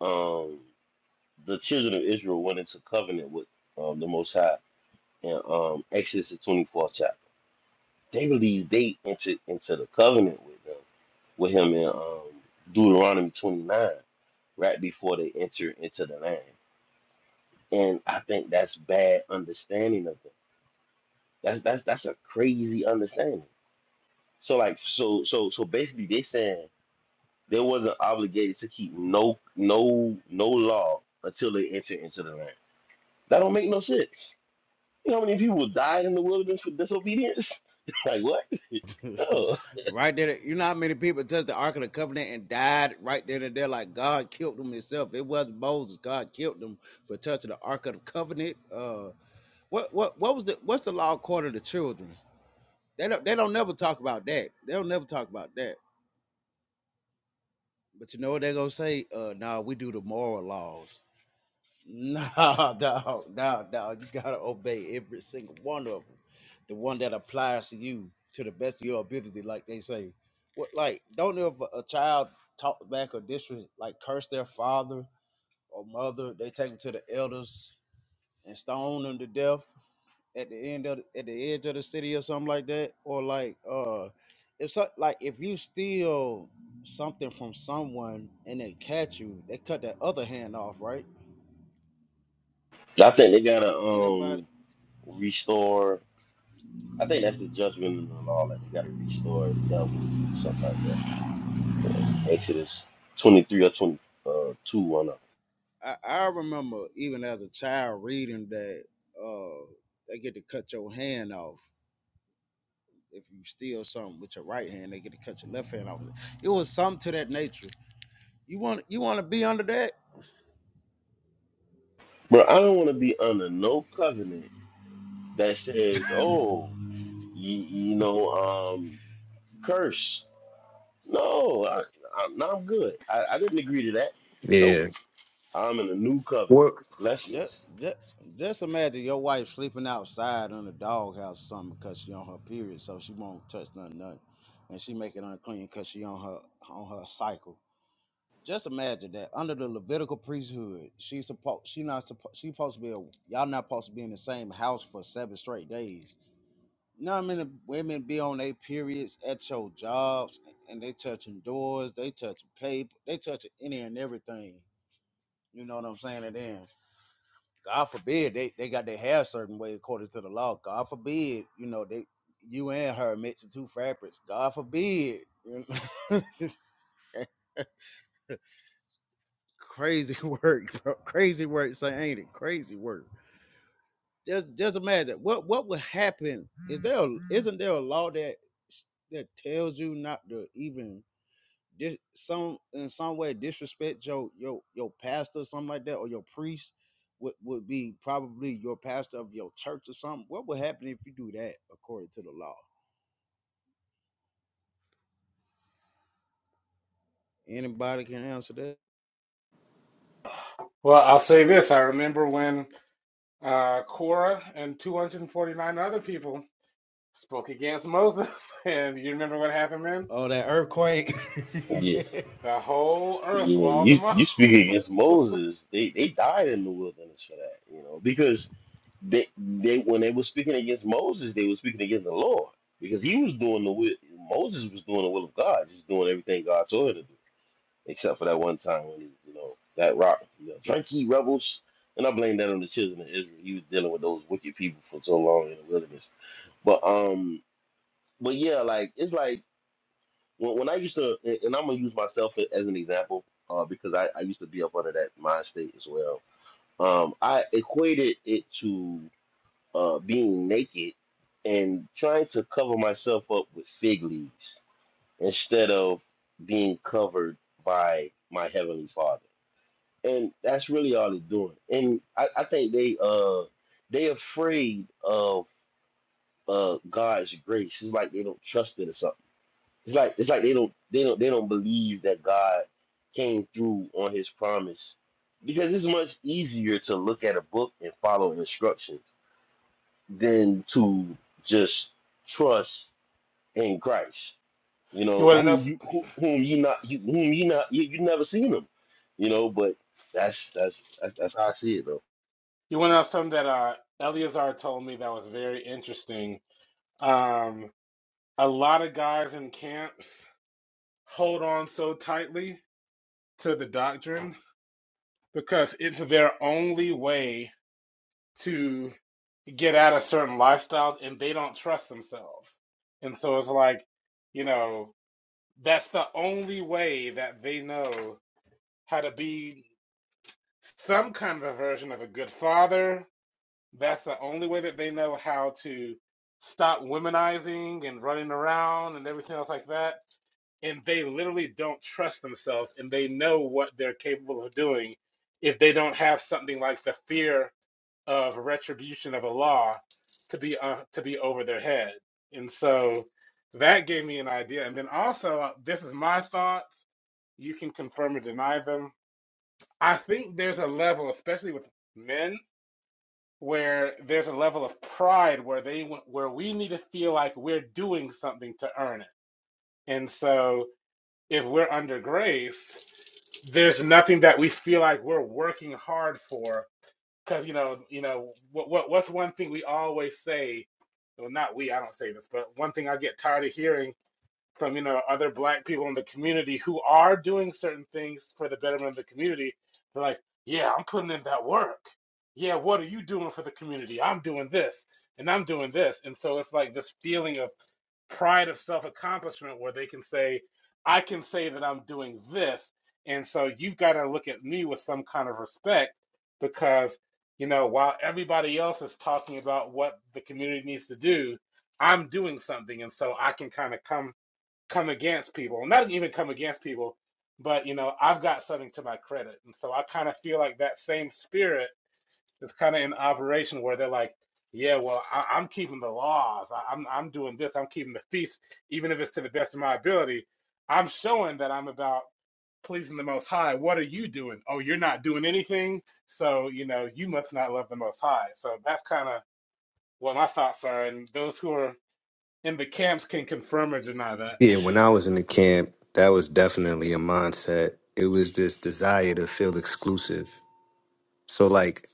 um the children of Israel went into covenant with um, the Most High in um, Exodus the twenty fourth chapter. They believe they entered into the covenant with them, with him in um, Deuteronomy twenty nine, right before they enter into the land. And I think that's bad understanding of them That's that's that's a crazy understanding. So like so so so basically they saying they wasn't obligated to keep no no no law until they enter into the land. That don't make no sense. You know how many people died in the wilderness for disobedience? like what? No. Right there, you know how many people touched the Ark of the Covenant and died right there and there, like God killed them himself. It wasn't Moses. God killed them for touching the Ark of the Covenant. Uh what what what was the what's the law according to the children? They don't they don't never talk about that. They don't never talk about that. But you know what they're gonna say? Uh nah, we do the moral laws. Nah, no, no, no. You gotta obey every single one of them. The one that applies to you to the best of your ability, like they say. What like don't ever a child talk back or disrespect like curse their father or mother, they take them to the elders and stone them to death. at the end of the, at the edge of the city or something like that, or like uh, if so, like if you steal something from someone and they catch you, they cut that other hand off, right? So I think they gotta Anybody? um restore. I think that's the judgment of the law. Like they gotta restore a devil something like that. I think It's Exodus twenty three or twenty uh two one up. I, I remember even as a child reading that uh, they get to cut your hand off if you steal something with your right hand. They get to cut your left hand off. It was something to that nature. You want you want to be under that? Bro, I don't want to be under no covenant that says, "Oh, you, you know, um, curse." No, I, I, no, I'm good. I, I didn't agree to that. Nope, yeah I'm in a new covenant. What? Yeah, Blessings. just, just imagine your wife sleeping outside on a doghouse or something because she on her period, so she won't touch nothing, nothing, and she make it unclean because she on her on her cycle. Just imagine that under the Levitical priesthood, she supposed she not supposed she supposed to be a, y'all not supposed to be in the same house for seven straight days. You know how many women be on their periods at your jobs and they touching doors, they touching paper, they touching any and everything. You know what I'm saying? And then God forbid they, they got their hair certain way according to the law. God forbid, you know, they you and her mixing two fabrics. God forbid. crazy work, bro. Crazy work, say ain't it? Crazy work. Just just imagine what what would happen. Is there a, isn't there a law that that tells you not to even? dis, some in some way disrespect your your your pastor or something like that or your priest would would be probably your pastor of your church or something. What would happen if you do that according to the law? Anybody can answer that. Well, I'll say this: I remember when uh, Korah and 249 other people spoke against Moses, and you remember what happened man? Oh, that earthquake. Yeah, The whole earth yeah. swallowed You them you up. speak against Moses. They they died in the wilderness for that. You know because they they when they were speaking against Moses, they were speaking against the Lord because he was doing the will. Moses was doing the will of God, just doing everything God told him to do. except for that one time when he, you know, that rock, you know, turnkey rebels. And I blame that on the children of Israel. He was dealing with those wicked people for so long in the wilderness. But um, but yeah, like it's like when, when I used to, and and I'm gonna use myself a- as an example, uh, because I, I used to be up under that mind state as well. Um, I equated it to uh being naked and trying to cover myself up with fig leaves instead of being covered by my heavenly Father and that's really all they're doing. And I, I think they uh they afraid of uh God's grace. It's like they don't trust it or something. It's like it's like they don't they don't they don't believe that God came through on His promise because it's much easier to look at a book and follow instructions than to just trust in Christ. You You know want to know? who you who, whom you not you, whom you not you, you never seen him. You know, but that's that's that's, that's how I see it though. You want to know something that uh, Eleazar told me that was very interesting. Um, a lot of guys in camps hold on so tightly to the doctrine because it's their only way to get out of certain lifestyles, and they don't trust themselves. And so it's like, you know, that's the only way that they know how to be some kind of a version of a good father, That's the only way that they know how to stop womenizing and running around and everything else like that. And they literally don't trust themselves and they know what they're capable of doing if they don't have something like the fear of retribution of a law to be uh, to be over their head. And so that gave me an idea. And then also uh, this is my thoughts. You can confirm or deny them. I think there's a level, especially with men, where there's a level of pride where they where we need to feel like we're doing something to earn it. And so if we're under grace, there's nothing that we feel like we're working hard for because you know you know what, what what's one thing we always say well not we I don't say this but one thing I get tired of hearing from you know other black people in the community who are doing certain things for the betterment of the community they're like yeah i'm putting in that work yeah what are you doing for the community i'm doing this and i'm doing this and so it's like this feeling of pride of self accomplishment where they can say i can say that i'm doing this and so you've got to look at me with some kind of respect because you know while everybody else is talking about what the community needs to do i'm doing something and so i can kind of come come against people, and not even come against people, but you know, I've got something to my credit. And so I kind of feel like that same spirit is kind of in operation where they're like, yeah, well, I, I'm keeping the laws. I, I'm I'm doing this. I'm keeping the feast, even if it's to the best of my ability. I'm showing that I'm about pleasing the Most High. What are you doing? Oh, you're not doing anything. So you know, you must not love the Most High. So that's kind of what my thoughts are, and those who are in the camps can confirm or deny that. yeah when i was in the camp that was definitely a mindset it was this desire to feel exclusive so like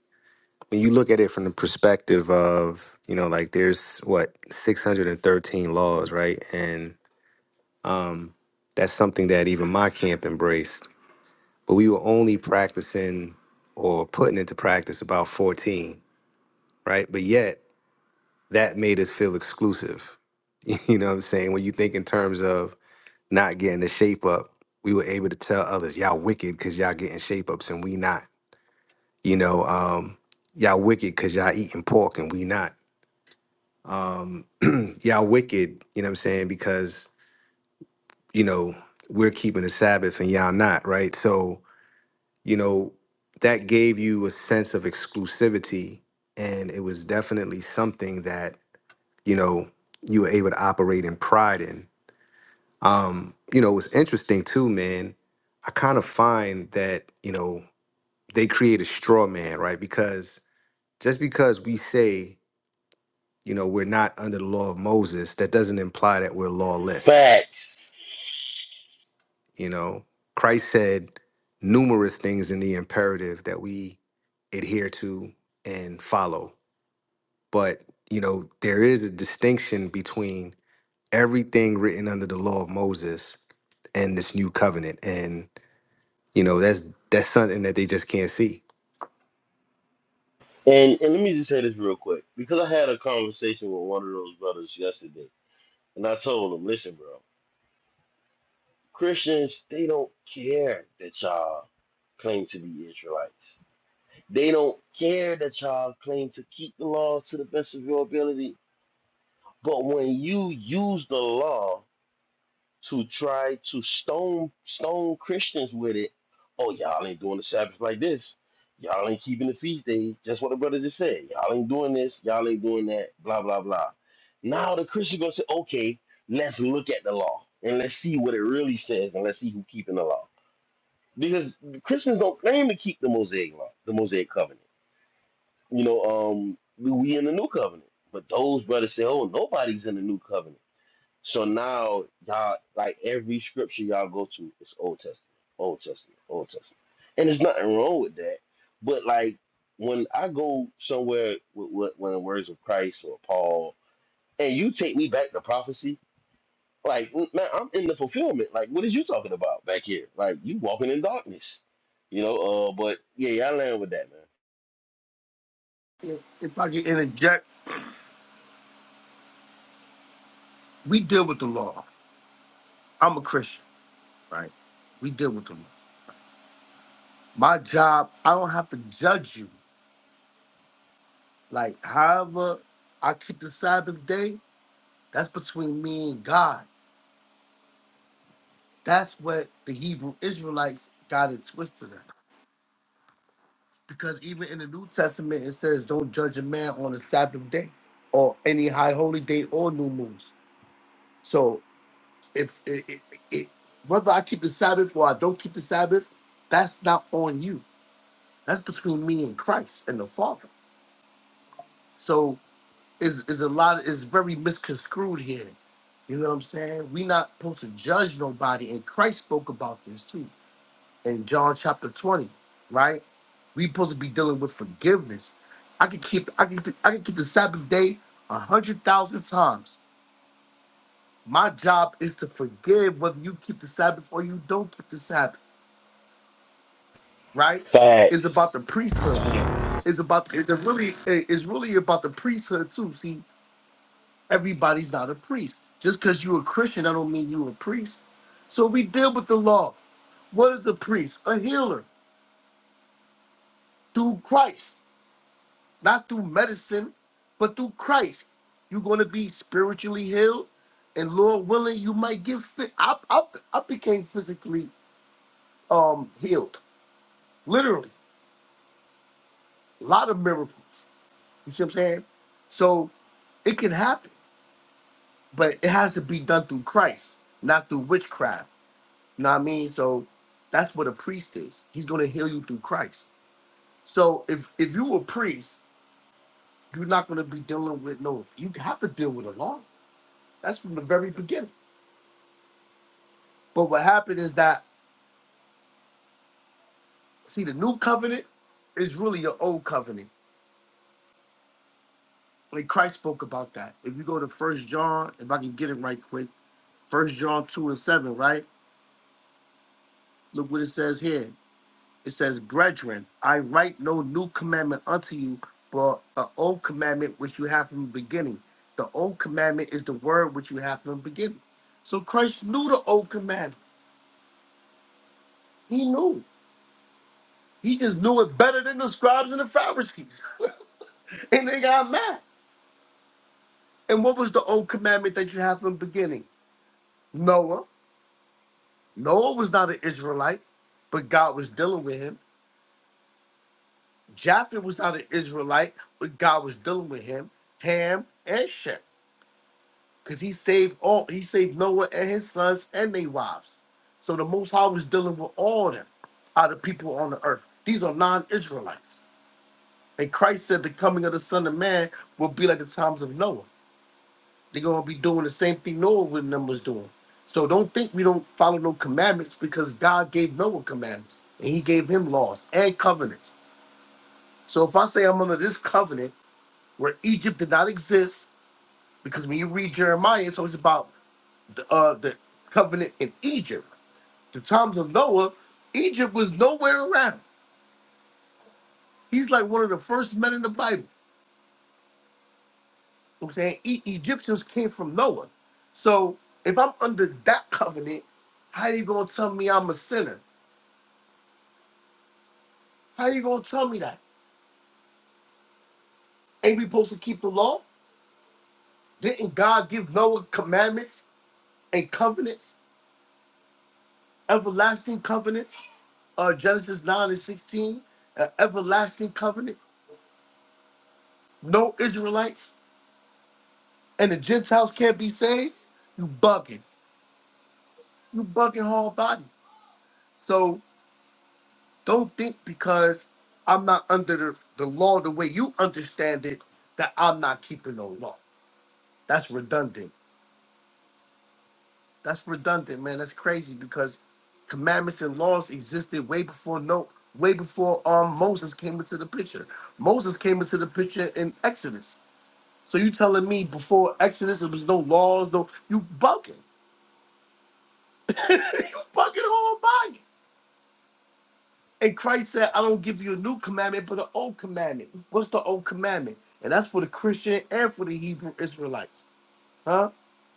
when you look at it from the perspective of you know like there's what 613 laws right and um that's something that even my camp embraced but we were only practicing or putting into practice about 14 right but yet that made us feel exclusive. You know what I'm saying? When you think in terms of not getting the shape up, we were able to tell others, y'all wicked because y'all getting shape ups and we not. You know, um, y'all wicked because y'all eating pork and we not. Um, y'all wicked, you know what I'm saying? Because, you know, we're keeping the Sabbath and y'all not, right? So, you know, that gave you a sense of exclusivity. And it was definitely something that, you know, you were able to operate in pride in Um, you know, it's interesting too, man. I kind of find that, you know, they create a straw man, right? Because just because we say, you know, we're not under the law of Moses, that doesn't imply that we're lawless. Facts. You know, Christ said numerous things in the imperative that we adhere to and follow. But, you know, there is a distinction between everything written under the law of Moses and this new covenant. And You know, that's that's something that they just can't see. And and let me just say this real quick because I had a conversation with one of those brothers yesterday, and I told him, listen, bro, Christians they don't care that y'all claim to be Israelites. They don't care that y'all claim to keep the law to the best of your ability. But when you use the law to try to stone stone Christians with it. Oh, y'all ain't doing the Sabbath like this. Y'all ain't keeping the feast days. Just what the brother just said. Y'all ain't doing this. Y'all ain't doing that. Blah blah blah. Now the Christian gonna say, okay, let's look at the law and let's see what it really says and let's see who keeping the law. Because the Christians don't claim to keep the Mosaic law, the Mosaic covenant. You know, um, we in the new covenant, but those brothers say, oh, nobody's in the new covenant. So now y'all like every scripture y'all go to is Old Testament, Old Testament, Old Testament. And there's nothing wrong with that. But like when I go somewhere with, with when the words of Christ or Paul, and you take me back to prophecy, like mm, man, I'm in the fulfillment. Like what is you talking about back here? Like you walking in darkness, you know. Uh, but yeah, y'all land with that, man. If I can interject, we deal with the law. I'm a Christian, right? We deal with the law. My job, I don't have to judge you. Like, however I keep the Sabbath day, that's between me and God. That's what the Hebrew Israelites got it twisted at. Because even in the New Testament, it says, don't judge a man on a Sabbath day or any high holy day or new moons. So, if it, it, it, whether I keep the Sabbath or I don't keep the Sabbath, that's not on you That's between me and Christ and the Father. So is is a lot is very misconstrued here. You know what I'm saying? We're not supposed to judge nobody, and Christ spoke about this too in John chapter 20, right? We supposed to be dealing with forgiveness. I could keep I could I could keep the Sabbath day a hundred thousand times. My job is to forgive whether you keep the Sabbath or you don't keep the Sabbath, right? It's about Facts. the priesthood. Yes. It's about it's a really it's really about the priesthood too. See, Everybody's not a priest. Just because you're a Christian, I don't mean you're a priest. So we deal with the law. What is a priest? A healer through Christ, not through medicine, but through Christ. You're going to be spiritually healed, and Lord willing, you might get fit. I, I, I became physically um, healed, literally. A lot of miracles. You see what I'm saying? So it can happen, but it has to be done through Christ, not through witchcraft. You know what I mean? So that's what a priest is. He's gonna heal you through Christ. So if if you a priest, you're not gonna be dealing with no. You have to deal with the law. That's from the very beginning. But what happened is that see the new covenant is really your old covenant. Like Christ spoke about that. If you go to First John, if I can get it right quick, First John two and seven, right? Look what it says here. It says, Brethren, I write no new commandment unto you, but an old commandment which you have from the beginning. The old commandment is the word which you have from the beginning. So Christ knew the old commandment. He knew. He just knew it better than the scribes and the Pharisees. and they got mad. And what was the old commandment that you have from the beginning? Noah. Noah was not an Israelite, but God was dealing with him. Japheth was not an Israelite, but God was dealing with him. Ham and Shem. Because he saved all, he saved Noah and his sons and their wives. So the Most High was dealing with all of them, out of people on the earth. These are non-Israelites. And Christ said the coming of the Son of Man will be like the times of Noah. They're gonna be doing the same thing Noah with them was doing. So don't think we don't follow no commandments because God gave Noah commandments and he gave him laws and covenants. So if I say I'm under this covenant where Egypt did not exist, because when you read Jeremiah, it's always about the, uh, the covenant in Egypt. The times of Noah, Egypt was nowhere around. He's like one of the first men in the Bible. You know what I'm saying e- Egyptians came from Noah. So if I'm under that covenant, how you gonna tell me I'm a sinner? How you gonna tell me that? Ain't we supposed to keep the law? Didn't God give Noah commandments and covenants, everlasting covenants? uh, Genesis 9 and 16, an everlasting covenant, no Israelites. and the Gentiles can't be saved, you bugging. You bugging whole body. So don't think because I'm not under the, the law the way you understand it that I'm not keeping no law. That's redundant. That's redundant, man. That's crazy because commandments and laws existed way before no way before um Moses came into the picture. Moses came into the picture in Exodus. So you telling me before Exodus there was no laws, no you bugging. Bugging the whole body. And Christ said, I don't give you a new commandment, but an old commandment. What's the old commandment? And that's for the Christian and for the Hebrew Israelites. Huh?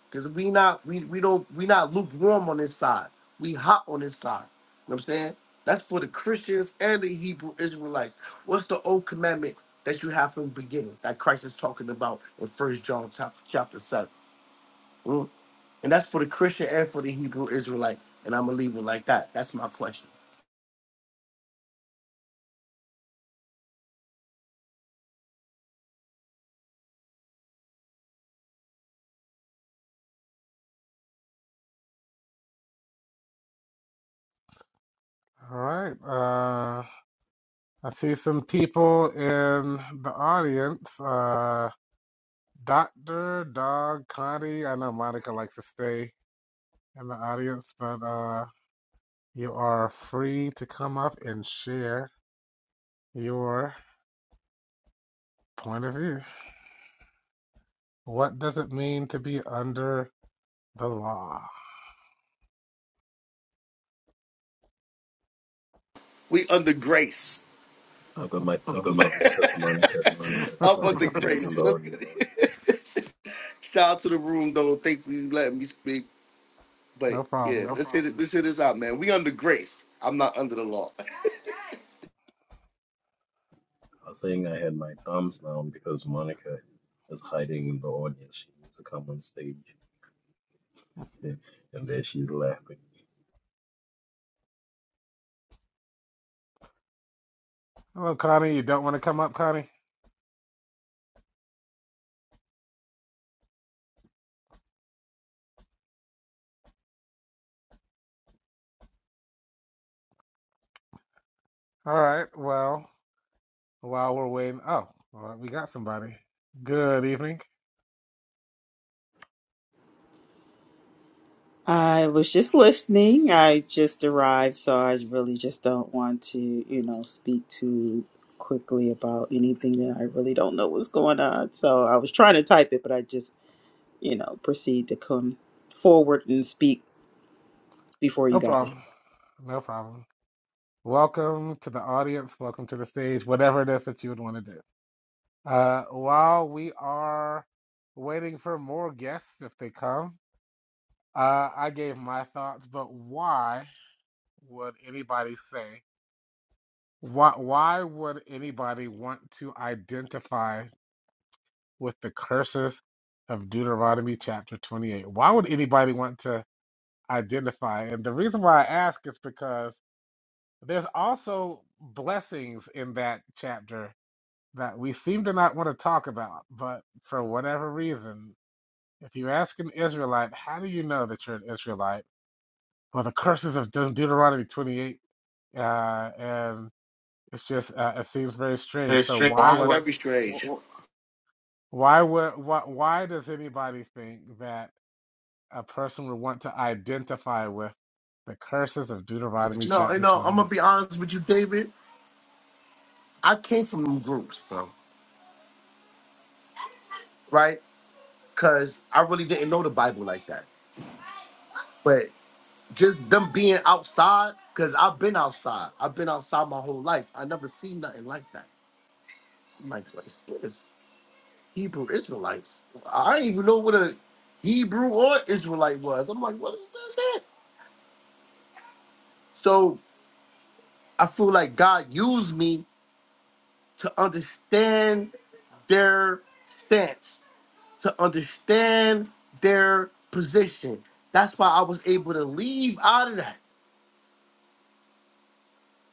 Because we not we we don't we not lukewarm on this side. We hot on this side. You know what I'm saying? That's for the Christians and the Hebrew Israelites. What's the old commandment that you have from the beginning that Christ is talking about in First John chapter chapter seven? Mm? And that's for the Christian and for the Hebrew Israelite. And I'm gonna leave it like that. That's my question. All right. Uh, I see some people in the audience. Uh, Doctor Dog Connie. I know Monica likes to stay in the audience, but uh, you are free to come up and share your point of view. What does it mean to be under the law? We under grace. I've got my thumbs down because Monica, Monica stays in the audience. Shout out to the room though. Thanks for you letting me speak. But No yeah, problem. No let's hit it. problem. Let's hit it. We under grace. I'm not under the law. I was saying I had my thumbs down because Monica is hiding in the audience. She needs to come on stage, and, and there she's laughing. Hello, Connie. You don't want to come up, Connie? All right. Well, while we're waiting. Oh, all right, we got somebody. Good evening. I was just listening. I just arrived, so I really just don't want to, you know, speak too quickly about anything that I really don't know what's going on. So I was trying to type it, but I just, you know, proceed to come forward and speak before No you guys. problem. No problem. Welcome to the audience. Welcome to the stage, whatever it is that you would want to do. Uh, while we are waiting for more guests, if they come, uh, I gave my thoughts, but why would anybody say, why, why would anybody want to identify with the curses of Deuteronomy chapter 28? Why would anybody want to identify? And the reason why I ask is because There's also blessings in that chapter that we seem to not want to talk about, but for whatever reason, if you ask an Israelite, how do you know that you're an Israelite? Well, the curses of De- Deuteronomy 28, uh, and it's just uh, it seems very strange. It's So strange. why Why It's would would? very strange. why would why, why does anybody think that a person would want to identify with the curses of Deuteronomy No, you chapter know, I'm gonna 28? be honest with you, David. I came from them groups, bro. Right? Cause I really didn't know the Bible like that. But just them being outside, cause I've been outside. I've been outside my whole life. I never seen nothing like that. I'm like, what's this? Hebrew Israelites. I didn't even know what a Hebrew or Israelite was. I'm like, what is this? Here? So I feel like God used me to understand their stance, to understand their position. That's why I was able to leave out of that,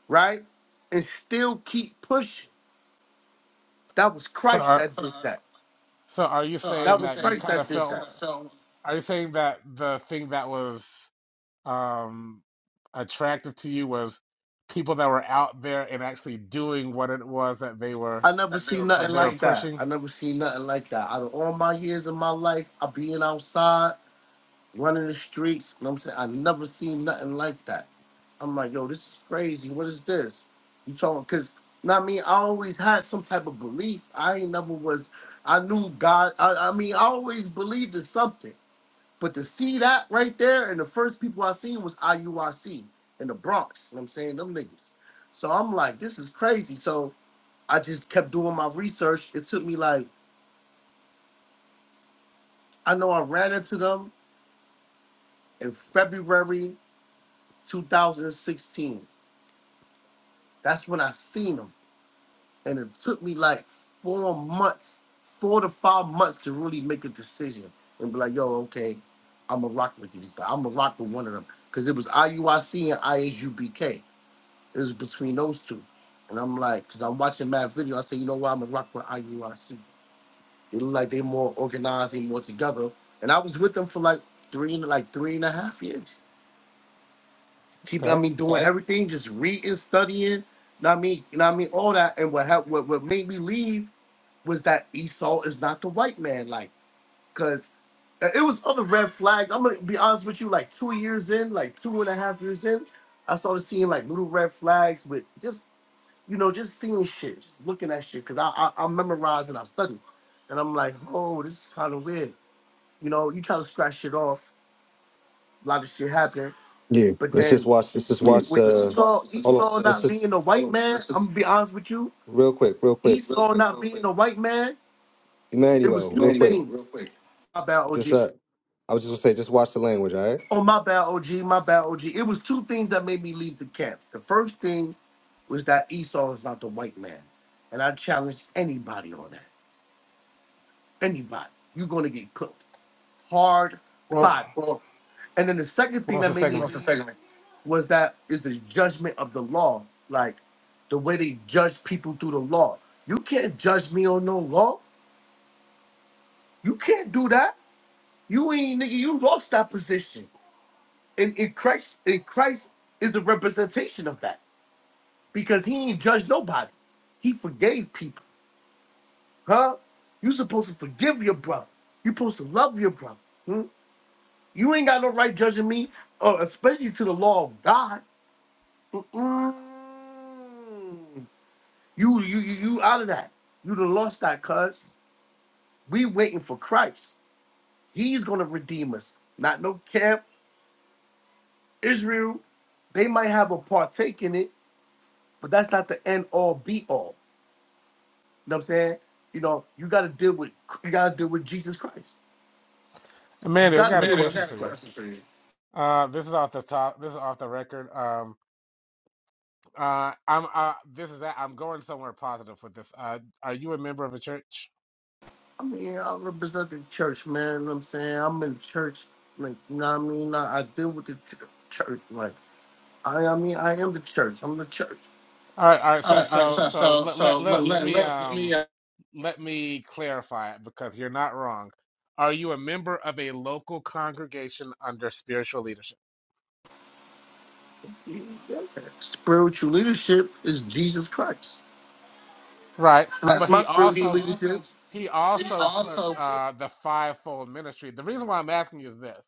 right? And still keep pushing. That was So Christ are that did that. So are you that saying was that you Christ kind that of did that. felt, are you saying that the thing that was um attractive to you was people that were out there and actually doing what it was that they were I never seen that nothing they were like that. pushing? I never seen nothing like that. Out of all my years of my life, I being outside. running the streets. You know what I'm saying? I never seen nothing like that. I'm like, yo, this is crazy. What is this? You talking? Because, not me, I always had some type of belief. I ain't never was, I knew God. I, I mean, I always believed in something. But to see that right there, and the first people I seen was IUIC in the Bronx. You know what I'm saying? Them niggas. So I'm like, this is crazy. So I just kept doing my research. It took me like, I know I ran into them in February 2016 That's when I seen him. And it took me like four months, four to five months to really make a decision and be like, yo, okay, I'm going to rock with these guys. I'm going to rock with one of them. Because it was IUIC and ISUBK. It was between those two. And I'm like, because I'm watching Matt video, I say, you know what? I'm going to rock with IUIC. They look like they more organized, they more together. And I was with them for like three, like three and a half years. keep I Okay. mean doing Right. everything, just reading, studying, know what I mean, you know what I mean, all that. And what hap- what what made me leave was that Esau is not the white man, like, cause uh, it was other red flags. I'm gonna be honest with you, like two years in, like two and a half years in, I started seeing like little red flags with just you know, just seeing shit, just looking at shit, cause I I, I memorize and I study. And I'm like, oh, this is kind of weird. You know, you try to scratch shit off, a lot of shit happening. Yeah, But let's just then watch. Let's just watch with uh, Esau, Esau not being a white man, I'm gonna be honest with you. Esau not being a white man, it was two things. My bad, OG. Oh, my bad, OG. My bad, OG. It was two things that made me leave the camp. The first thing was that Esau is not the white man, and I challenge anybody on that. Anybody, you're gonna get cooked hard, Well, body. And then the second what thing was that the made me segment? leave was that is the judgment of the law, like the way they judge people through the law. You can't judge me on no law. You can't do that. You ain't nigga. You lost that position. And in Christ, in Christ is the representation of that because he ain't judged nobody. He forgave people, huh? You supposed to forgive your brother. You supposed to love your brother. hmm? You ain't got no right judging me, or especially to the law of God. Mm. You you you you out of that. You done lost that cuz. We waiting for Christ. He's gonna redeem us. Not no camp, Israel. They might have a partake in it, but that's not the end all be all. You know what I'm saying? You know, you gotta deal with you gotta deal with Jesus Christ. You Amanda, I gotta deal got a Manny, I with got question a for you. Christ. question for you. Uh, this is off the top. This is off the record. Um, uh, I'm. Uh, this is that. I'm going somewhere positive with this. Uh, are you a member of a church? I mean, I represent the church, man. You know what I'm saying? I'm in the church, like, you know what I mean? I, I deal with the ch- church, like, I, I mean, I am the church. I'm the church. All right. All right. All So, right, all right, so, so so so let so let let let, let let me let, let me. um Uh, let me clarify it because you're not wrong. Are you a member of a local congregation under spiritual leadership? spiritual leadership is Jesus Christ. Right. That's But my he But spiritual he also leadership. he also leadership. he also put also uh, the fivefold ministry. The reason why I'm asking you is this.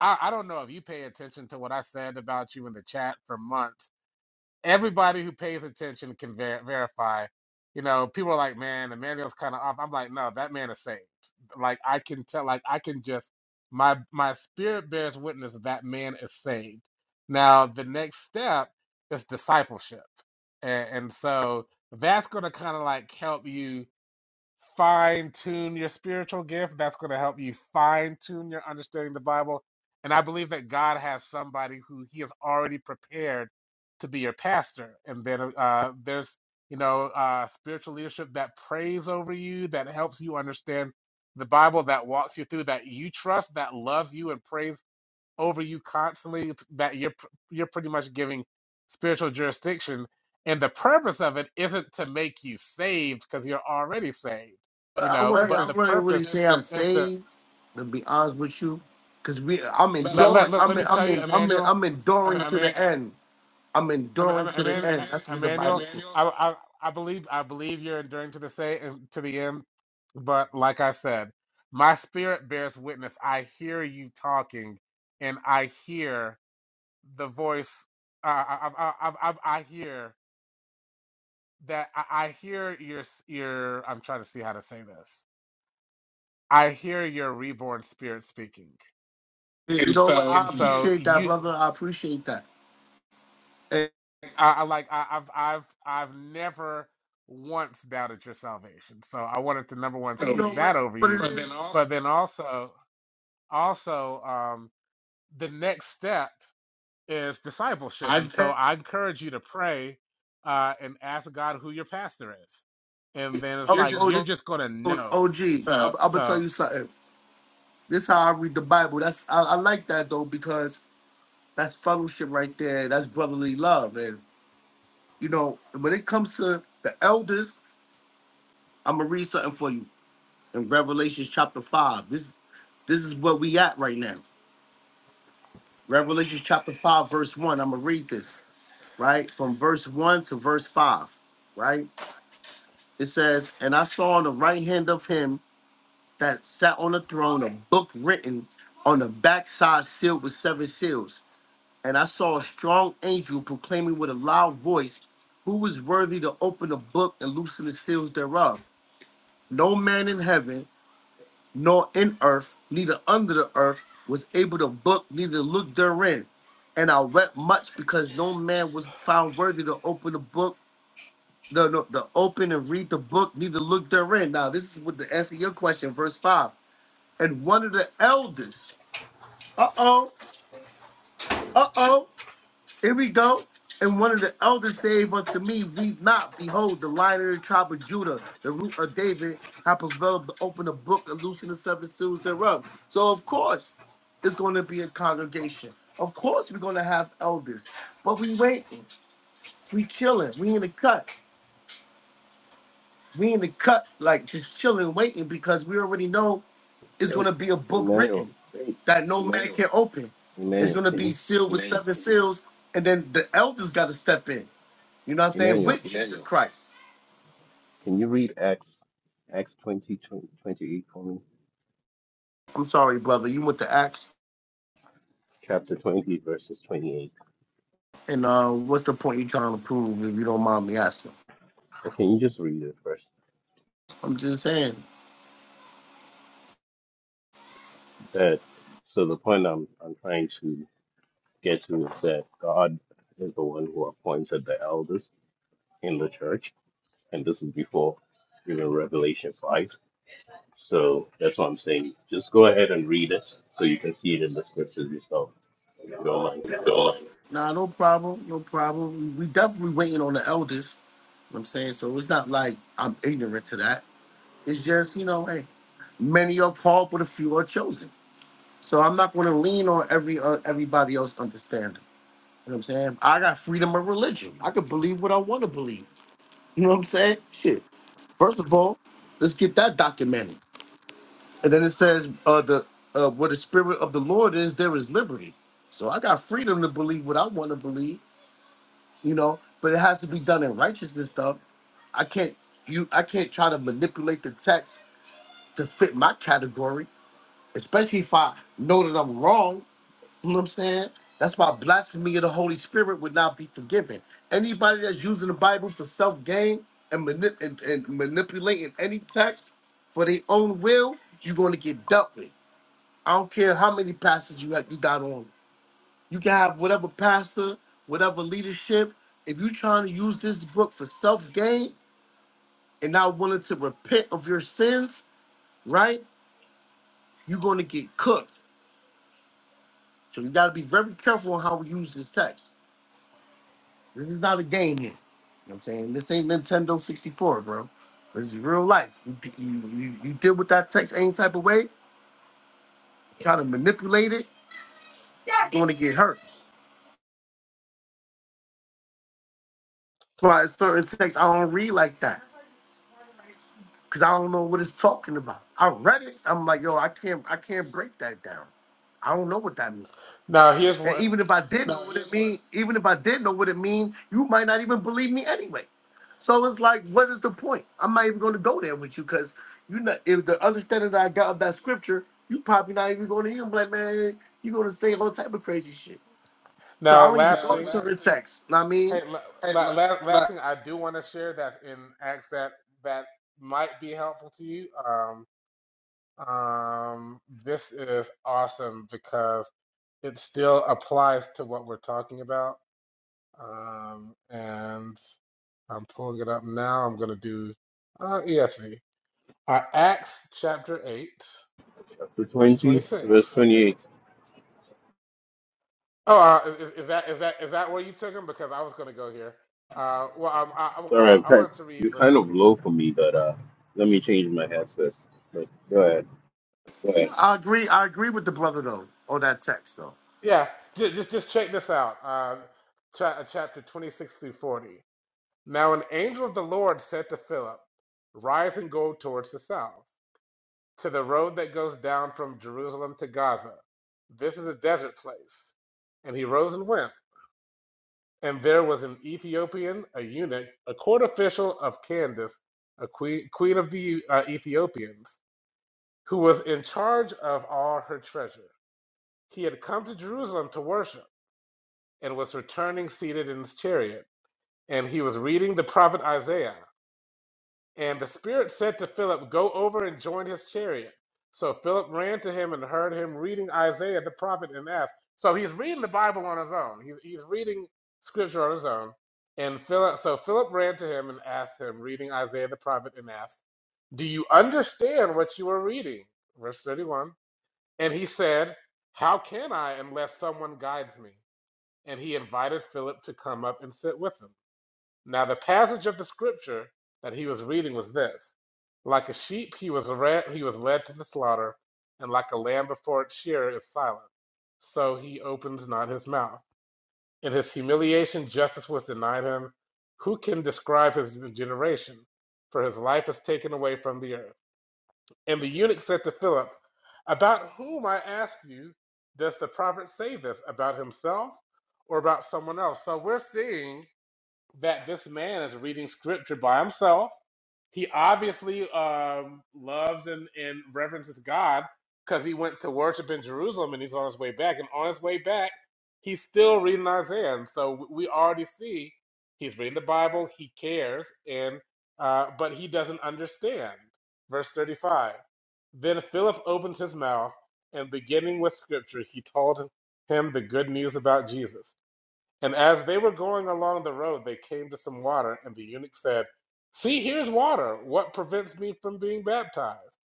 I, I don't know if you pay attention to what I said about you in the chat for months everybody who pays attention can ver- verify. You know, people are like, man, Emmanuel's kind of off. I'm like, no, that man is saved. Like I can tell, like I can just my my spirit bears witness that that man is saved. Now the next step is discipleship, and, and so that's going to kind of like help you fine tune your spiritual gift. That's going to help you fine tune your understanding of the Bible. And I believe that God has somebody who He has already prepared to be your pastor. And then uh, there's, you know, uh, spiritual leadership that prays over you, that helps you understand the Bible, that walks you through, that you trust, that loves you and prays over you constantly that you're you're pretty much giving spiritual jurisdiction and the purpose of it isn't to make you saved because you're already saved you I know wouldn't, I but purpose. the wouldn't really purpose say I'm is to saved. To be honest with you, because we, I'm But look, let enduring. let look, let, I'm, let in, me I'm, tell you, you in, I'm, in, Emmanuel, Emmanuel I'm I enduring mean to I Emmanuel, mean the Emmanuel, end. I'm I mean, I enduring mean, I to the mean, end. That's what the Bible Emmanuel, says. Emmanuel. I, I I believe I believe you're enduring to the say and to the end, but like I said, my spirit bears witness. I hear you talking, and I hear the voice uh, I, I, I, I, I I hear that I, I hear your s- your I'm trying to see how to say this. I hear your reborn spirit speaking, You And know what? so and I you, so appreciate that, you brother. I appreciate that. And I, I, I like I, I've I've I've never once doubted your salvation. So I wanted to number one I you know speak know what, that over what it you, but then is. also but then also also um, the next step. is discipleship. I, And so I encourage you to pray uh, and ask God who your pastor is. And then Oh, it's you're like, just Oh, you're just going to O- know. OG, I'm, I'm gonna tell So you something. This is how I read the Bible. That's I, I like that though because that's fellowship right there. That's brotherly love, and you know when it comes to the elders, I'm gonna read something for you in Revelation chapter five. This this is where we at right now. Revelation chapter five, verse one. I'm gonna read this right from verse one to verse five. Right, it says, "And I saw on the right hand of him." that sat on the throne, a book written on the backside sealed with seven seals. And I saw a strong angel proclaiming with a loud voice, Who is worthy to open the book and loosen the seals thereof? No man in heaven, nor in earth, neither under the earth, was able to book, neither look therein. And I wept much because no man was found worthy to open the book, no, no, to open and read the book, neither look therein. Now, this is what the answer to your question, verse 5 and one of the elders, uh oh, uh oh, here we go. And one of the elders said unto me, Weep not, behold, the lion of the tribe of Judah, the root of David, have prevailed to open the book and loosen the seven seals thereof. So, of course, it's going to be a congregation. Of course, we're going to have elders, but we waiting, we chilling, we in the cut. We in the cut, like just chilling, waiting, because we already know is going Hey, to be a book Emmanuel, written that no man can open. It's Emmanuel, going to can be you, sealed with seven seals, and then the elders got to step in. You know what I'm saying? Emmanuel, With Jesus Christ. can you read Acts, Acts 20, twenty, twenty-eight for me? I'm sorry, brother. You went to Acts, Chapter 20, verses 28. and uh, what's the point you trying to prove if you don't mind me asking? Or can you just read it first? I'm just saying. That, so the point I'm, I'm trying to get to is that God is the one who appointed the elders in the church and this is before even Revelation 5. So that's what I'm saying. Just go ahead and read it so you can see it in the scriptures yourself, if you don't mind. Nah, no problem. No problem. We we definitely waiting on the elders. You know what I'm saying? So it's not like I'm ignorant to that. It's just, you know, hey, many are called, but a few are chosen. So I'm not going to lean on every uh, everybody else understanding. You know what I'm saying? I got freedom of religion. I can believe what I want to believe. You know what I'm saying? Shit. First of all, let's get that documented. And then it says, uh, the uh, where the spirit of the Lord is, there is liberty. So I got freedom to believe what I want to believe, you know, but it has to be done in righteousness stuff. I can't you I can't try to manipulate the text to fit my category, especially if I know that I'm wrong. You know what I'm saying? That's why blasphemy of the Holy Spirit would not be forgiven. Anybody that's using the Bible for self gain and, manip- and, and manipulating any text for their own will, you're going to get dealt with. I don't care how many pastors you have, you got on. You can have whatever pastor, whatever leadership. If you're trying to use this book for self gain and not willing to repent of your sins, right? You're going to get cooked. So you got to be very careful on how we use this text. This is not a game here. You know what I'm saying? This ain't Nintendo 64, bro. This is real life. You, you, you, you deal with that text any type of way, try to manipulate it, you're going to get hurt. Why certain texts I don't read like that because I don't know what it's talking about. I read it. I'm like, yo, I can't I can't break that down. I don't know what that means. now here's And what, even if I did know what it mean, even if I did know what it mean, you might not even believe me anyway. So it's like, what is the point? I'm not even going to go there with you because you know if the understanding that I got of that scripture, you probably not even going to hear. i like, man, you're going to say all type of crazy shit. So I now don't even last go to thing, certain texts. Know what I mean, hey, la, la, la- last thing I do want to share that's in Acts that, that might be helpful to you. Um, um, this is awesome because it still applies to what we're talking about. Um, and I'm pulling it up now. I'm going to do uh, ESV. Uh, Acts chapter 8, Chapter verse 20, verse 26. 28. Oh, uh, is, is that is that is that where you took him? Because I was going to go here. Uh, well, um, I, I, I, Sorry, wa- I'm I kind, wanted to read you're verse kind of 26. low for me, but uh, let me change my headset. But go ahead. I agree. I agree with the brother though on that text though. Yeah, just just, just check this out. Uh, cha- uh, chapter 26 through 40. Now an angel of the Lord said to Philip, "Rise and go towards the south." to the road that goes down from Jerusalem to Gaza. This is a desert place. And he rose and went. And there was an Ethiopian, a eunuch, a court official of Candace, a queen, queen of the uh, Ethiopians, who was in charge of all her treasure. He had come to Jerusalem to worship and was returning seated in his chariot. And he was reading the prophet Isaiah. And the Spirit said to Philip, Go over and join his chariot. So Philip ran to him and heard him reading Isaiah the prophet and asked. So he's reading the Bible on his own. He's, he's reading scripture on his own. And Philip, so Philip ran to him and asked him, reading Isaiah the prophet, and asked, Do you understand what you are reading? Verse 31. And he said, How can I unless someone guides me? And he invited Philip to come up and sit with him. Now, the passage of the scripture that he was reading was this Like a sheep, he was, re- he was led to the slaughter, and like a lamb before its shearer is silent. So he opens not his mouth. In his humiliation, justice was denied him. Who can describe his generation? For his life is taken away from the earth. And the eunuch said to Philip, About whom, I ask you, does the prophet say this? About himself or about someone else? So we're seeing that this man is reading scripture by himself. He obviously um, loves and, and reverences God because he went to worship in Jerusalem and he's on his way back. And on his way back, he's still reading Isaiah. And so w- we already see he's reading the Bible, he cares, and uh, but he doesn't understand. Verse 35. Then Philip opened his mouth and beginning with scripture, he told him the good news about Jesus. And as they were going along the road, they came to some water, and the eunuch said, See, here's water. What prevents me from being baptized?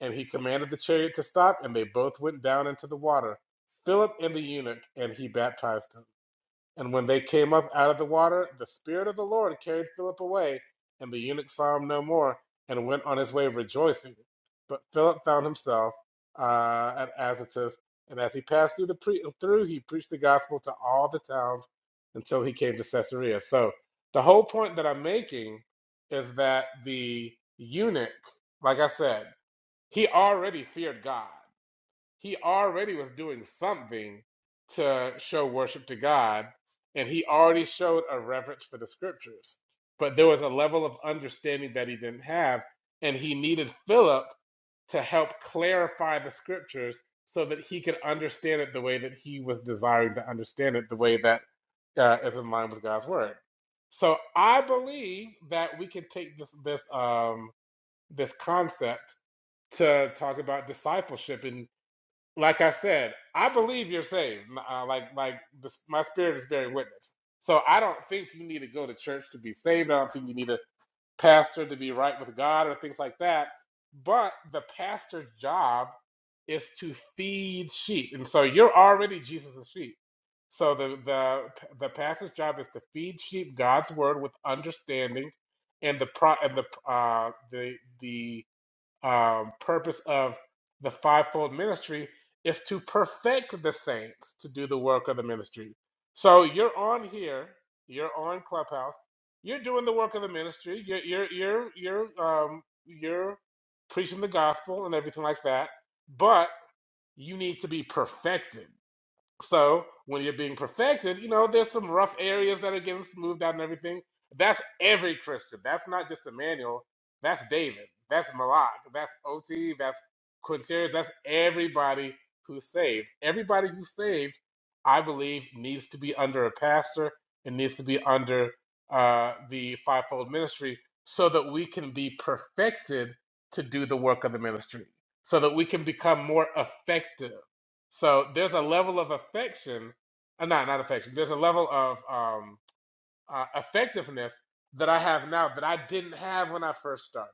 And he commanded the chariot to stop, and they both went down into the water, Philip and the eunuch, and he baptized him. And when they came up out of the water, the Spirit of the Lord carried Philip away, and the eunuch saw him no more, and went on his way rejoicing. But Philip found himself uh, at Azotus, and as he passed through the pre- through, he preached the gospel to all the towns until he came to Caesarea. So the whole point that I'm making is that the eunuch, like I said, he already feared God he already was doing something to show worship to God, and he already showed a reverence for the scriptures. But there was a level of understanding that he didn't have, and he needed Philip to help clarify the scriptures so that he could understand it the way that he was desiring to understand it, the way that uh, is in line with God's word. So I believe that we can take this this um, this concept to talk about discipleship in like I said, I believe you're saved. Uh, like like the, my spirit is bearing witness. So I don't think you need to go to church to be saved. I don't think you need a pastor to be right with God or things like that. But the pastor's job is to feed sheep, and so you're already Jesus' sheep. So the the the pastor's job is to feed sheep God's word with understanding, and the pro and the uh the the um, purpose of the fivefold ministry is to perfect the saints to do the work of the ministry. So you're on here, you're on Clubhouse, you're doing the work of the ministry, you're you're you're you're um, you're preaching the gospel and everything like that, but you need to be perfected. So when you're being perfected, you know, there's some rough areas that are getting smoothed out and everything. That's every Christian. That's not just Emmanuel. That's David. That's Malak. That's OT. That's Quinterius. That's everybody who's saved. Everybody who's saved, I believe, needs to be under a pastor and needs to be under uh, the fivefold ministry so that we can be perfected to do the work of the ministry, so that we can become more effective so there's a level of affection, uh, not not affection. There's a level of um, uh, effectiveness that I have now that I didn't have when I first started.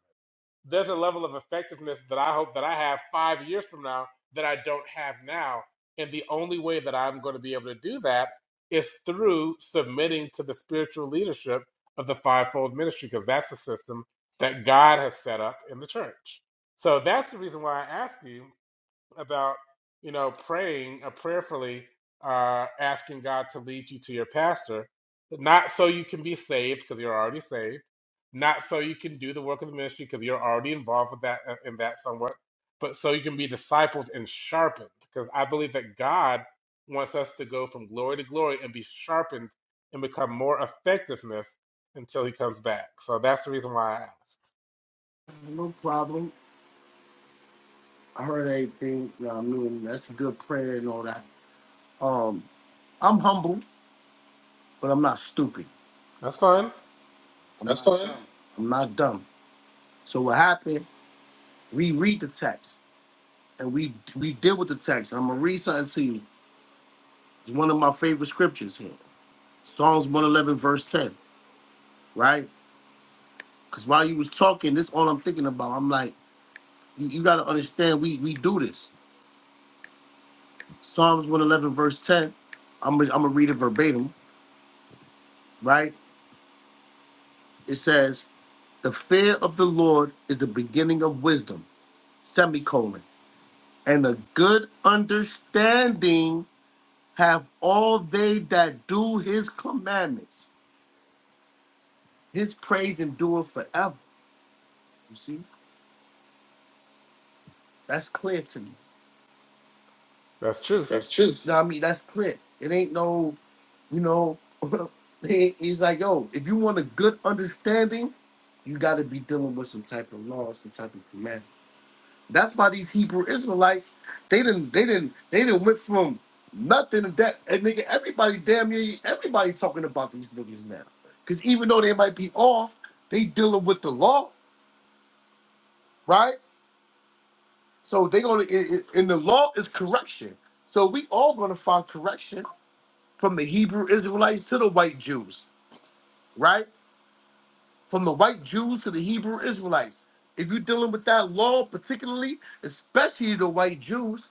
There's a level of effectiveness that I hope that I have five years from now that I don't have now. And the only way that I'm going to be able to do that is through submitting to the spiritual leadership of the fivefold ministry, because that's the system that God has set up in the church. So that's the reason why I ask you about you know praying uh, prayerfully uh, asking god to lead you to your pastor not so you can be saved because you're already saved not so you can do the work of the ministry because you're already involved with that uh, in that somewhat but so you can be discipled and sharpened because i believe that god wants us to go from glory to glory and be sharpened and become more effectiveness until he comes back so that's the reason why i asked No problem. I heard everything. You know what I mean, that's a good prayer and all that. Um, I'm humble, but I'm not stupid. that's fun That's fine. I'm not dumb. So what happened? We read the text and we we deal with the text. I'm gonna read something to you. It's one of my favorite scriptures here. Psalms 111 verse 10. Right? Because while you was talking, this all I'm thinking about. I'm like, you, you gotta understand. We we do this. Psalms 111 verse 10. I'm gonna, I'm gonna read it verbatim. Right? It says, "The fear of the Lord is the beginning of wisdom." Semicolon. And a good understanding have all they that do his commandments. His praise endureth forever. You see, that's clear to me. that's truth That's truth. You know what I mean? That's clear. It ain't no, you know, he- he's like, yo, if you want a good understanding, you got to be dealing with some type of law, some type of commandment. That's why these Hebrew Israelites, they didn't, they didn't, they didn't went from nothing to that. And nigga, everybody damn near everybody talking about these niggas now. Cause even though they might be off, they dealing with the law, right? So they gonna in, in the law is correction. So we all gonna find correction from the Hebrew Israelites to the white Jews, right? From the white Jews to the Hebrew Israelites. If you're dealing with that law, particularly, especially the white Jews,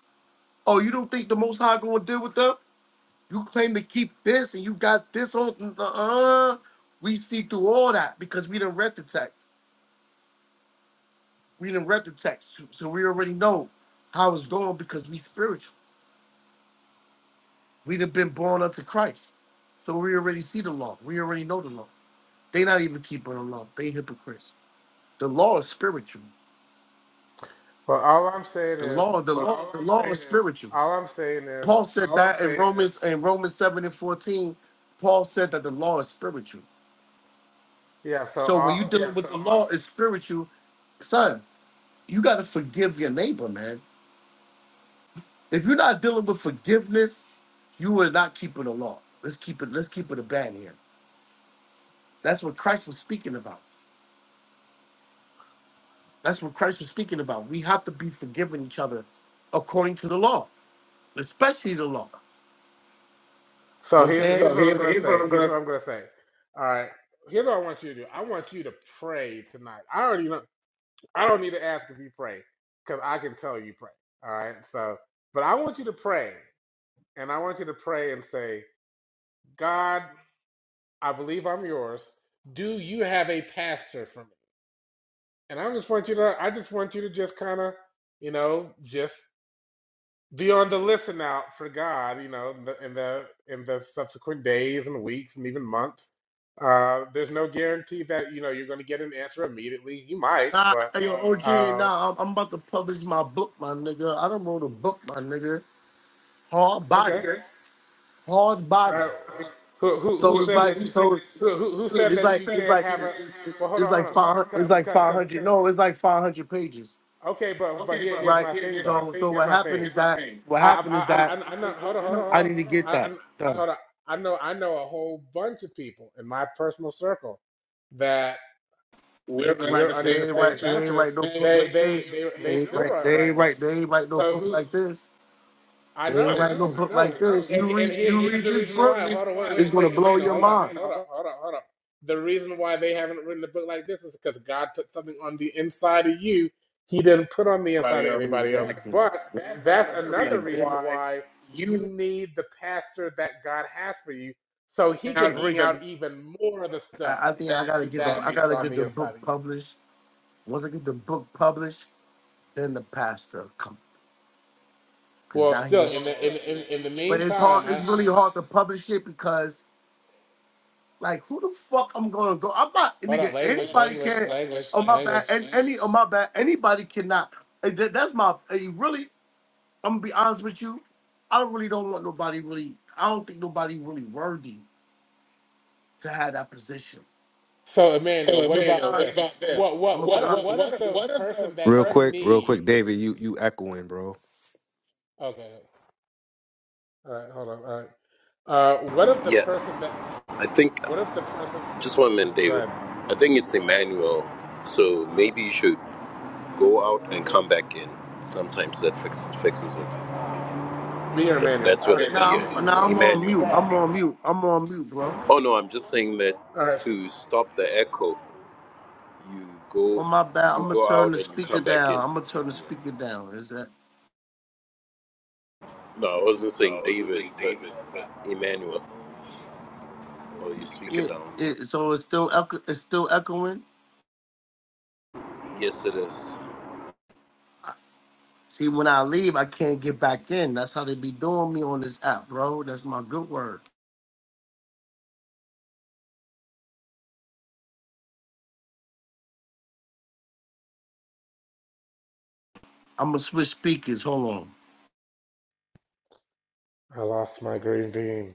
oh, you don't think the Most High gonna deal with them? You claim to keep this and you got this on. Uh, we see through all that because we didn't read the text. We didn't read the text, so so we already know how it's going because we spiritual. We'd have been born unto Christ, so we already see the law. We already know the law. They not even keeping the law. They hypocrites. The law is spiritual. well all i'm saying The is law, the law, the law is spiritual. All I'm saying is, Paul said that in Romans in Romans seven and fourteen. Paul said that the law is spiritual. yeah. So So when you all, dealing with the law, it's spiritual, son. you got to forgive your neighbor, man. If you're not dealing with forgiveness, you are not keeping the law. Let's keep it. Let's keep it a band here. That's what Christ was speaking about. That's what Christ was speaking about. We have to be forgiving each other according to the law, especially the law. so You know what I'm here's saying? here's So what I'm here, gonna here's what say. I'm Here's gonna. what say. I'm gonna say. All right. Here's what I want you to do. I want you to pray tonight. I already know. I don't need to ask if you pray, because I can tell you pray. All right. So, but I want you to pray, and I want you to pray and say, God, I believe I'm yours. Do you have a pastor for me? And I just want you to. I just want you to just kind of, you know, just be on the listen out for God, you know, in the in the, in the subsequent days and weeks and even months. Uh, there's no guarantee that you know you're going to get an answer immediately. You might, Nah, but hey, yo, OG, uh, nah, I'm, I'm about to publish my book, my nigga. I don't wrote a book, my nigga. Hard body, okay. Okay. hard body. Uh, who who who So it's said like that you so who who who said it's that like you it's can't like have a it's, well? Hold it's on, like hold on. five it's Cause, like because, five 'cause- hundred no it's like five hundred pages. okay, but but here here's Right. my thing though. So so Here's what my happened thing. is that what happened is I that I I, I I know. Hold on, hold on, hold I on. need to get I, that I done. hold on. I know I know a whole bunch of people in my personal circle that. They ain't right. we're under They the ain't same right. They ain't pasture. write no book They like they this. they They they ain't still write write, They ain't write write They books. ain't write no So book who like this. I They ain't know, write no I book know. like this. And You and read here you read here's the this reason book, why. Hold on, wait, it's wait, gonna wait, blow Amanda, your hold up, mind. hold up, hold up, hold up. The reason why they haven't written a book like this is because God put something on the inside of you he didn't put on the inside of anybody else. Exactly. But They ain't write that's another reason why no you book need the pastor that God has for you so he can Like bring this. out even more of the stuff I, I think I gotta get Put the that on I he put gotta on get the the book inside of you. published. Once I get the book published, then the pastor come because Well, now he still won't. but in the still, in in in the- in in- the in But it's the meantime, hard. It's I really meantime- hard to publish it because like who the fuck I'm gonna go? I'm not hold on. nigga. Language, Anybody language, can. language, Oh my bad. language. And any oh my bad. Anybody cannot. eh, that- That's my eh, really. I'm gonna be honest with you. I don't really don't want nobody really. I don't think nobody really worthy to have that position. So, Emmanuel, So, what man, about what this? about this? What I'm what gonna be what, what honest what what, if with the you. I'm gonna be person that Real you quick, real quick, need? David, you you echoing, bro. Okay, all right, hold on. All right. Uh, what if the Yeah, person that? I think What if the person? just one minute, Oh, go David. ahead. I think it's Emmanuel, so maybe you should go out and come back in. Sometimes that fix, fixes it. Me or Th- Emmanuel? That's where Okay, the Now I'm, no, yeah, I'm on Emmanuel. mute. I'm on mute. I'm on mute, bro. Oh no, I'm just saying that All right. So, to stop the echo, you go On my back, I'm you gonna go turn out the and you speaker come back in. down. I'm gonna turn the Yeah. speaker down. Is that? No, I wasn't No, I saying wasn't David, but David, but Emmanuel. I'm Oh, you speak speaking. Yeah. it down. Yeah. It, so it's still echo, it's still echoing. Yes, it is. See, when I leave, I can't get back in. That's how they be doing me on this app, bro. That's my good word. I'm gonna switch speakers. Hold on. I lost my green bean.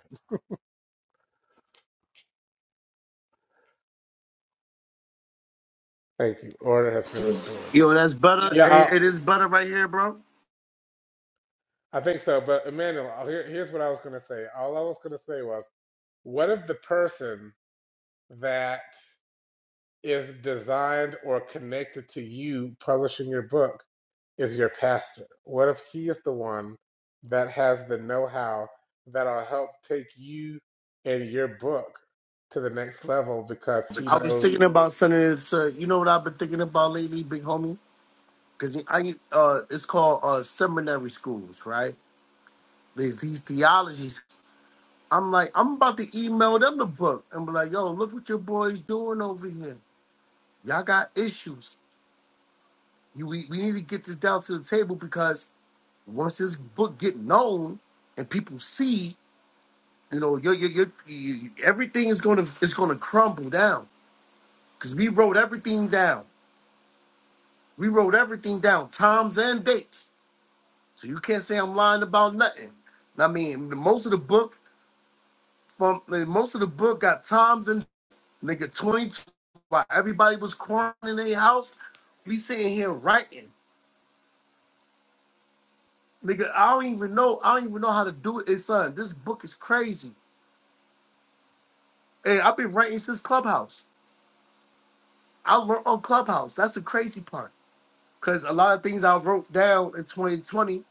Thank you. Order has been restored. Yo, that's better. Yeah, It, I'll, it is better right here, bro. I think so. But Emmanuel, I'll- here, here's what I was going to say. All I was going to say was, what if the person that is designed or connected to you publishing your book is your pastor? What if he is the one that has the know how that'll help take you and your book to the next level because he I was knows? thinking about sending it to. You know what I've been thinking about lately, big homie? because I uh, it's called uh, seminary schools, right? These these theologies. I'm like, I'm about to email them the book and be like, yo, look what your boys doing over here. Y'all got issues. You we, we need to get this down to the table because once this book get known and people see, you know, your your your you- everything is gonna is gonna crumble down because we wrote everything down. We wrote everything down, times and dates. So you can't say I'm lying about nothing. I mean, most of the book from like, most of the book got times and nigga 20 two while everybody was quarantined in their house. We sitting here writing. Nigga, I don't even know. I don't even know how to do it. It's son, this book is crazy. Hey, I've been writing since Clubhouse. I learned on Clubhouse. That's the crazy part. Cause a lot of things I wrote down in 2020.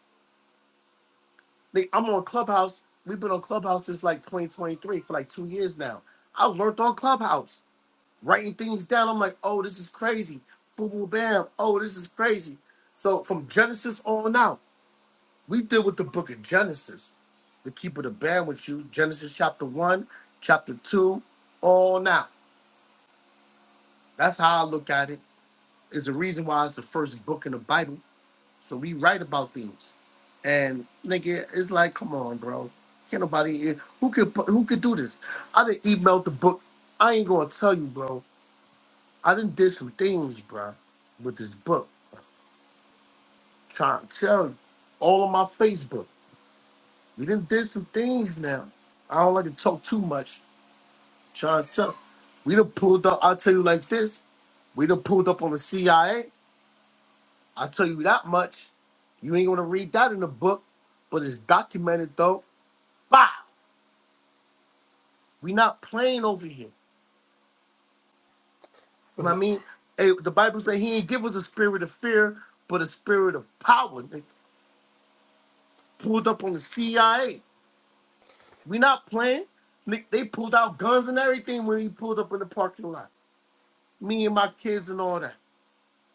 Like, I'm on Clubhouse. We've been on Clubhouse since like 2023 for like two years now. I learned on Clubhouse. writing things down. I'm like, oh, this is crazy. Boom, boom, bam. Oh, this is crazy. So from Genesis on out, we deal with the book of Genesis. To keep it a band with you, Genesis chapter one, chapter two, on out. That's how I look at it. Is the reason why it's the first book in the Bible. So we write about things, and nigga, it's like, come on, bro. Can't nobody who could who could do this. I didn't email the book. I ain't gonna tell you, bro. I didn't did some things, bruh, with this book. Trying to tell you, all on my Facebook. We didn't did some things now. I don't like to talk too much. Trying to tell. We done pulled up. I'll tell you like this. We done pulled up on the CIA. I'll tell you that much. You ain't gonna read that in the book, but it's documented though. Bow. We not playing over here. You know what I mean? Hey, the Bible said he ain't give us a spirit of fear, but a spirit of power. They pulled up on the CIA. We not playing. Nick, They pulled out guns and everything when he pulled up in the parking lot. Me and my kids and all that.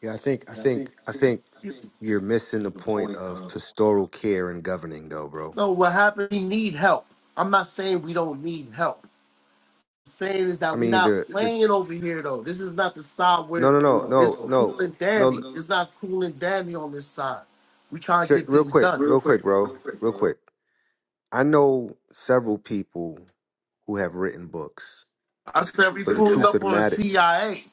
Yeah, I think I Yeah, I think. think I I think. think I It's- think. you're missing the point of pastoral care and governing, though, bro. No, what happened? We need help. I'm not saying we don't need help. What I'm saying is that I we mean, not the the playing over here though. This is not the side no where no no No, it's no no, cool no, no and dandy. no. no. It's not cool and dandy on this side. We trying to Check, get real things quick, done. Real real quick, quick, bro, real quick, real bro. quick. I know several people who have written books, I said we but the pulled truth of up the on the matter, CIA.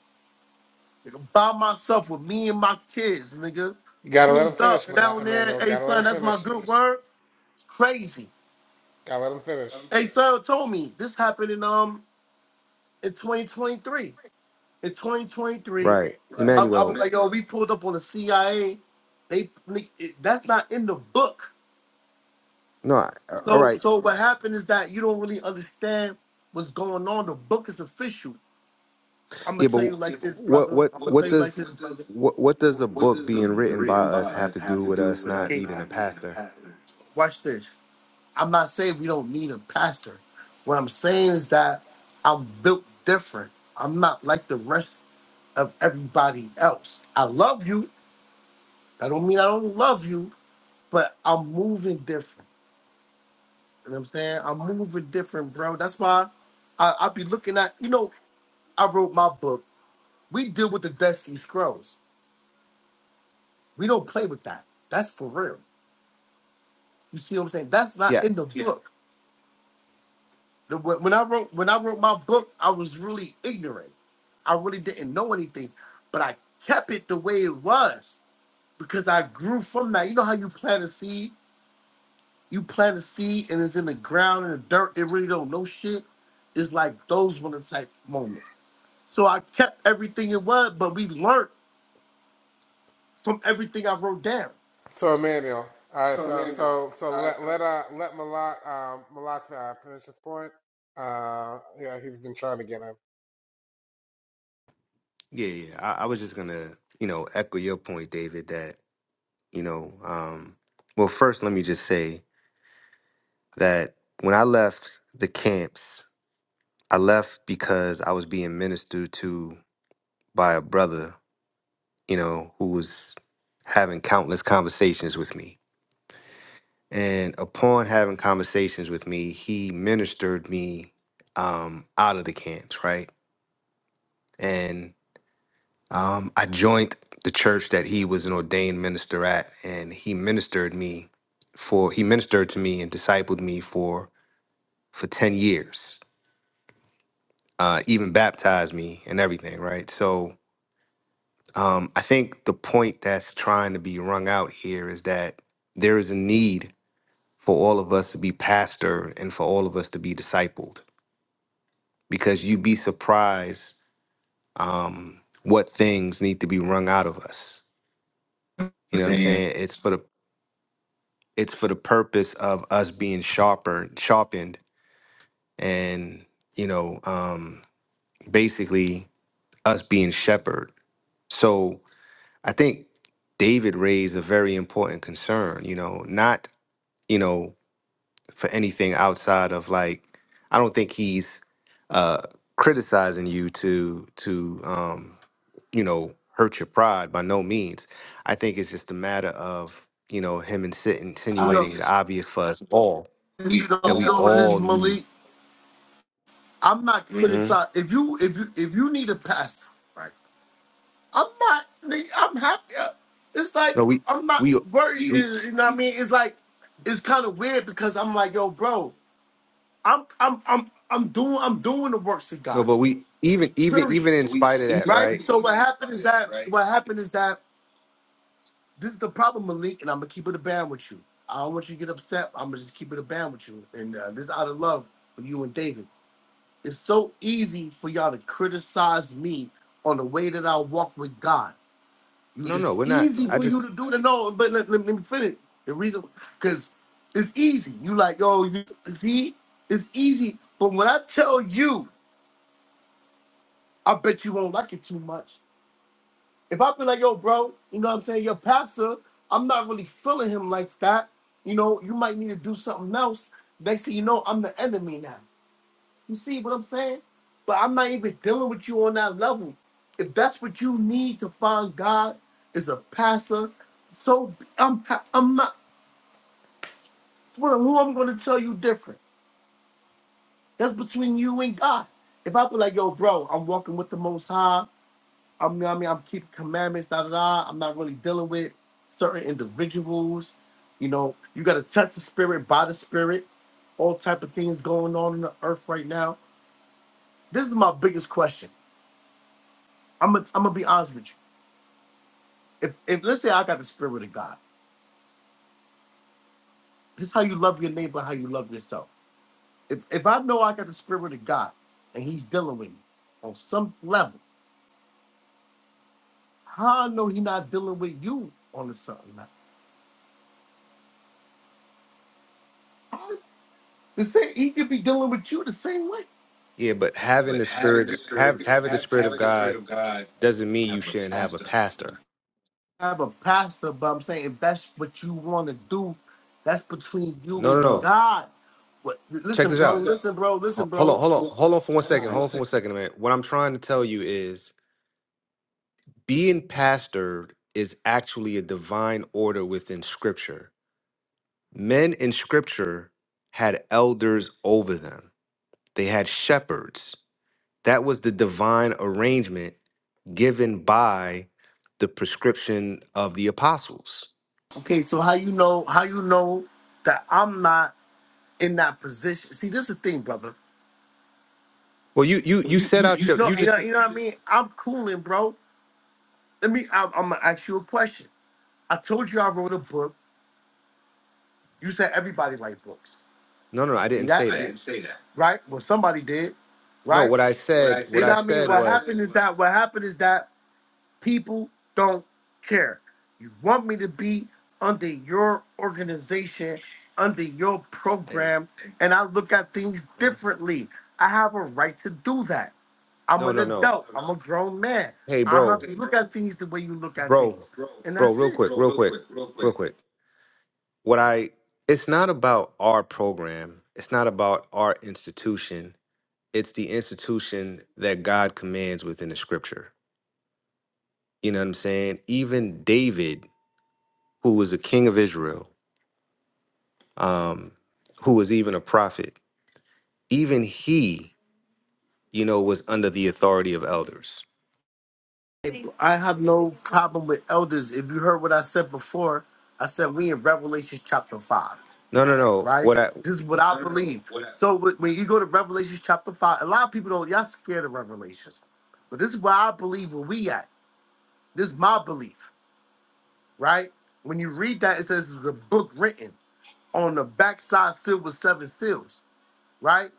Nigga, by myself with me and my kids, nigga. Gotta let him Pulled up finish, Ma- down there. Emmanuel. Hey Gotta let son, him that's my finish. good word. Crazy. Gotta let him finish. Hey son told me this happened in um in 2023. In 2023, right, I, I was Emmanuel? like, yo, we pulled up on the CIA. They nigga, it- that's not in the book. No, I- all So right. so what happened is that you don't really understand what's going on. The book is official. I'm Yeah, gonna but tell you like this, what brother. what I'm gonna tell what you like does this, brother. what what does the book being written by us have to do with us not needing a pastor? Watch this. I'm not saying we don't need a pastor. What I'm saying is that I'm built different. I'm not like the rest of everybody else. I love you. I don't mean I don't love you, but I'm moving different. You know what I'm saying? I'm moving different, bro. That's why I, I be looking at, you know, I wrote my book. We deal with the Dead Sea Scrolls. We don't play with that. That's for real. You see what I'm saying? That's not Yeah, in the Yeah. book. The- When when I wrote when I wrote my book, I was really ignorant. I really didn't know anything, but I kept it the way it was because I grew from that. You know how you plant a seed, you plant a seed and it's in the ground and the dirt. It really don't know shit. It's like those one of the type moments. So I kept everything it was, but we learned from everything I wrote down. So Emmanuel, all right. So, So Emmanuel, so so uh, let so let uh let Malak um Malak uh, finish this point. Uh, yeah, he's been trying to get in. yeah, yeah. I, I was just gonna, you know, echo your point, David. That you know, um, well, first let me just say that when I left the camps, I left because I was being ministered to by a brother, you know, who was having countless conversations with me And upon having conversations with me, he ministered me um, out of the camps, right? And um, I joined the church that he was an ordained minister at, and he ministered me for he ministered to me and discipled me for for ten years, uh, even baptized me and everything, right? So um, I think the point that's trying to be wrung out here is that there is a need for all of us to be pastored and for all of us to be discipled because you'd be surprised um, what things need to be wrung out of us. You know what I'm saying? It's for the it's for the purpose of us being sharper, sharpened, and you know, um, basically us being shepherd. So I think David raised a very important concern. You know, not you know for anything outside of like I don't think he's uh, criticizing you to to um, you know, hurt your pride by no means. I think it's just a matter of, you know, him insi- You know, insinuating the obvious for us all you know, that you we know what it is, all need. Malik. I'm not Mhm. criticizing. If you if you if you need a pass. I'm not. nigga, I'm happy. Uh, It's like No, we, I'm not we, worried. You we, you know what I mean? It's like it's kind of weird because I'm like, yo, bro, I'm I'm I'm I'm doing I'm doing the works of no, God. but we, even, even, Period. even in We spite of eat, that, Right. we right? So eat what happened is that right? what happened is that this is the problem, Malik, and I'm gonna keep it a band with you. I don't want you to get upset. I'm gonna just keep it a band with you, and uh, this is out of love for you and David. It's so easy for y'all to criticize me on the way that I walk with God. You- No, no, It's we're not. easy I for you to just, do that. No, but let, let, let me finish. The reason, because it's easy. You like, yo, you, see, it's easy. But when I tell you, I bet you won't like it too much. If I feel like, yo, bro, you know what I'm saying? Your pastor, I'm not really feeling him like that. You know, you might need to do something else. Next thing you know, I'm the enemy now. You see what I'm saying? But I'm not even dealing with you on that level. If that's what you need to find God is a pastor, so be- I'm I'm not well, who I'm gonna tell you different. That's between you and God. If I be like, yo, bro, I'm walking with the most high, I'm you know what I mean, I'm keeping commandments, da da da. I'm not really dealing with certain individuals. You know, you gotta touch the spirit by the spirit, all type of things going on in the earth right now. This is my biggest question. I'm gonna I'm gonna be honest with you. if, if let's say I got the spirit of God, this is how you love your neighbor, how you love yourself. If if I know I got the spirit of God and he's dealing with me on some level, how I know he not dealing with you on a certain level? How- The same, he could be dealing with you the same way. yeah, but having the spirit, have, having the spirit of God doesn't mean you shouldn't have a pastor. I'm a pastor, but I'm saying if that's what you want to do, that's between you No, and no, Bro. no. God. But Check listen, this bro, Check this out. out. listen, bro, listen, Ho- Hold on, bro. hold on, Hold- hold on hold- for one hold on All right. one second. Hold Alright. on for second. one second, man. What I'm trying to tell you is being pastored is actually a divine order within scripture. Men in scripture had elders over them, they had shepherds. That was the divine arrangement given by the prescription of the apostles. Okay, so how you know how you know that I'm not in that position. See, this is the thing, brother. Well, you you Well, you you set you out you your know you you know just you know what I mean. I'm cooling, bro. Let me. I'm, I'm gonna ask you a question. I told you I wrote a book. You said everybody likes books. no no no, I See didn't that? say I that. didn't say that. Right? Well, somebody did. No, Right? what I What I said said. what You know I what I mean? What, said what I happened was said is was- that. What happened is that. People don't care. You want me to be under your organization, under your hey program, and I look at things uh-huh. differently. I have a right to do that. I'm no an no no adult. I'm a grown man. hey I have bro to look at things the way you look at bro things. And bro that's real it. quick Real, real real quick quick, real real quick. quick what I it's not about our program, it's not about our institution. It's the institution that God commands within the scripture. You know what I'm saying? Even David, who was a king of Israel, um, who was even a prophet, even he, you know, was under the authority of elders. I have no problem with elders. If you heard what I said before, I said we in Revelation chapter 5. No, no, no. right? What I This is what I believe. So wh- when you go to Revelations chapter five, a lot of people don't y'all scared of Revelations, but this is where I believe where we at. This is my belief, right? When you read that, it says it's a book written on the backside sealed with seven seals, right?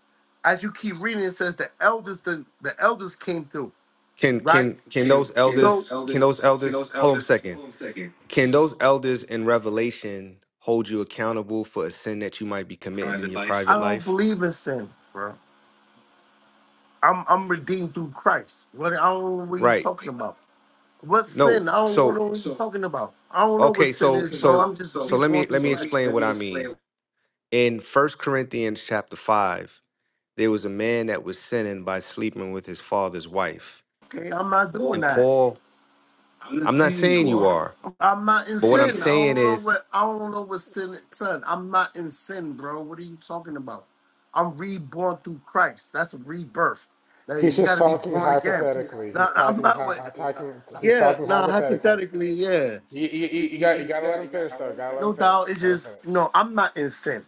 As you keep reading, it says the elders, the, the elders came through, can right? can can Can, those can so, those elders can those elders, can elders those hold on a elders, second. hold on a second. Can those elders in Revelation hold you accountable for a sin that you might be committing in your I private don't life? believe in sin, bro. I'm I'm redeemed through Christ. What I don't know what you Right. talking about. What No. sin? I don't know what So you're talking about. I don't know what okay, sin so is, bro. so I'm just a so let people me going through let me life. life. explain what I mean. In First Corinthians chapter 5, there was a man that was sinning by sleeping with his father's wife. Okay, I'm not doing And that. Paul, I'm not saying you are, I'm not in but sin. what it. I I'm saying don't know is, what I don't know what sin son. I'm not in sin, bro. What are you talking about? I'm reborn through Christ. That's a rebirth. Now, He's you just gotta be talking born again. hypothetically. Now He's I'm typing, not hy- uh, what talking. He's Yeah, talking no, hypothetically. hypothetically, yeah. You, you, you you got, you got to let him finish, though. Got to let him No finish. doubt. It's Let him just finish. no, I'm not in sin.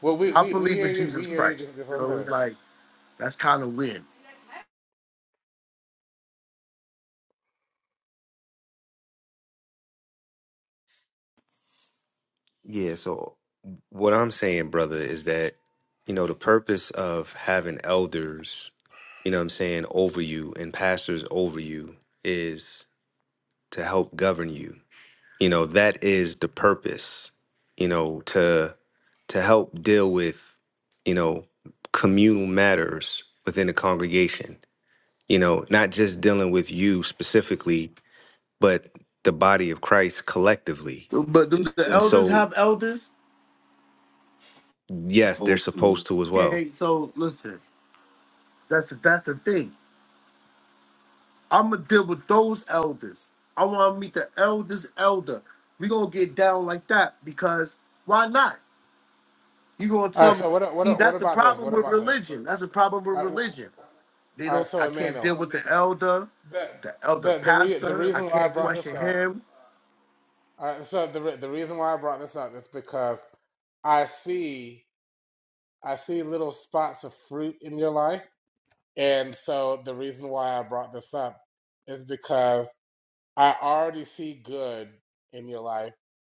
Well, we, I we, we believe hear in you. Jesus We hear you. Christ. Just, just let him So it's finish. like that's kind of weird. yeah, so what I'm saying, brother, is that you know the purpose of having elders you know what I'm saying, over you and pastors over you is to help govern you. You know, that is the purpose, you know, to to help deal with, you know, communal matters within the congregation. You know, not just dealing with you specifically, but the body of Christ collectively. But do the And elders so have elders? yes, they're supposed to as well Okay, so listen, that's that's the thing. I'm gonna deal with those elders. I want to meet the elders' elder. We gonna get down like that because why not? You gonna All right. tell me? So what, See, what, what that's the about this? problem What with about this? religion. That's the problem with All right. w- religion. They All right don't. so I can't Emmanuel, deal with the elder, the, the elder the, the, re, the pastor. I reason why I can't brought this question up. him. All right. So the, re- the reason why I brought this up is because I see, I see little spots of fruit in your life, and so the reason why I brought this up is because I already see good in your life,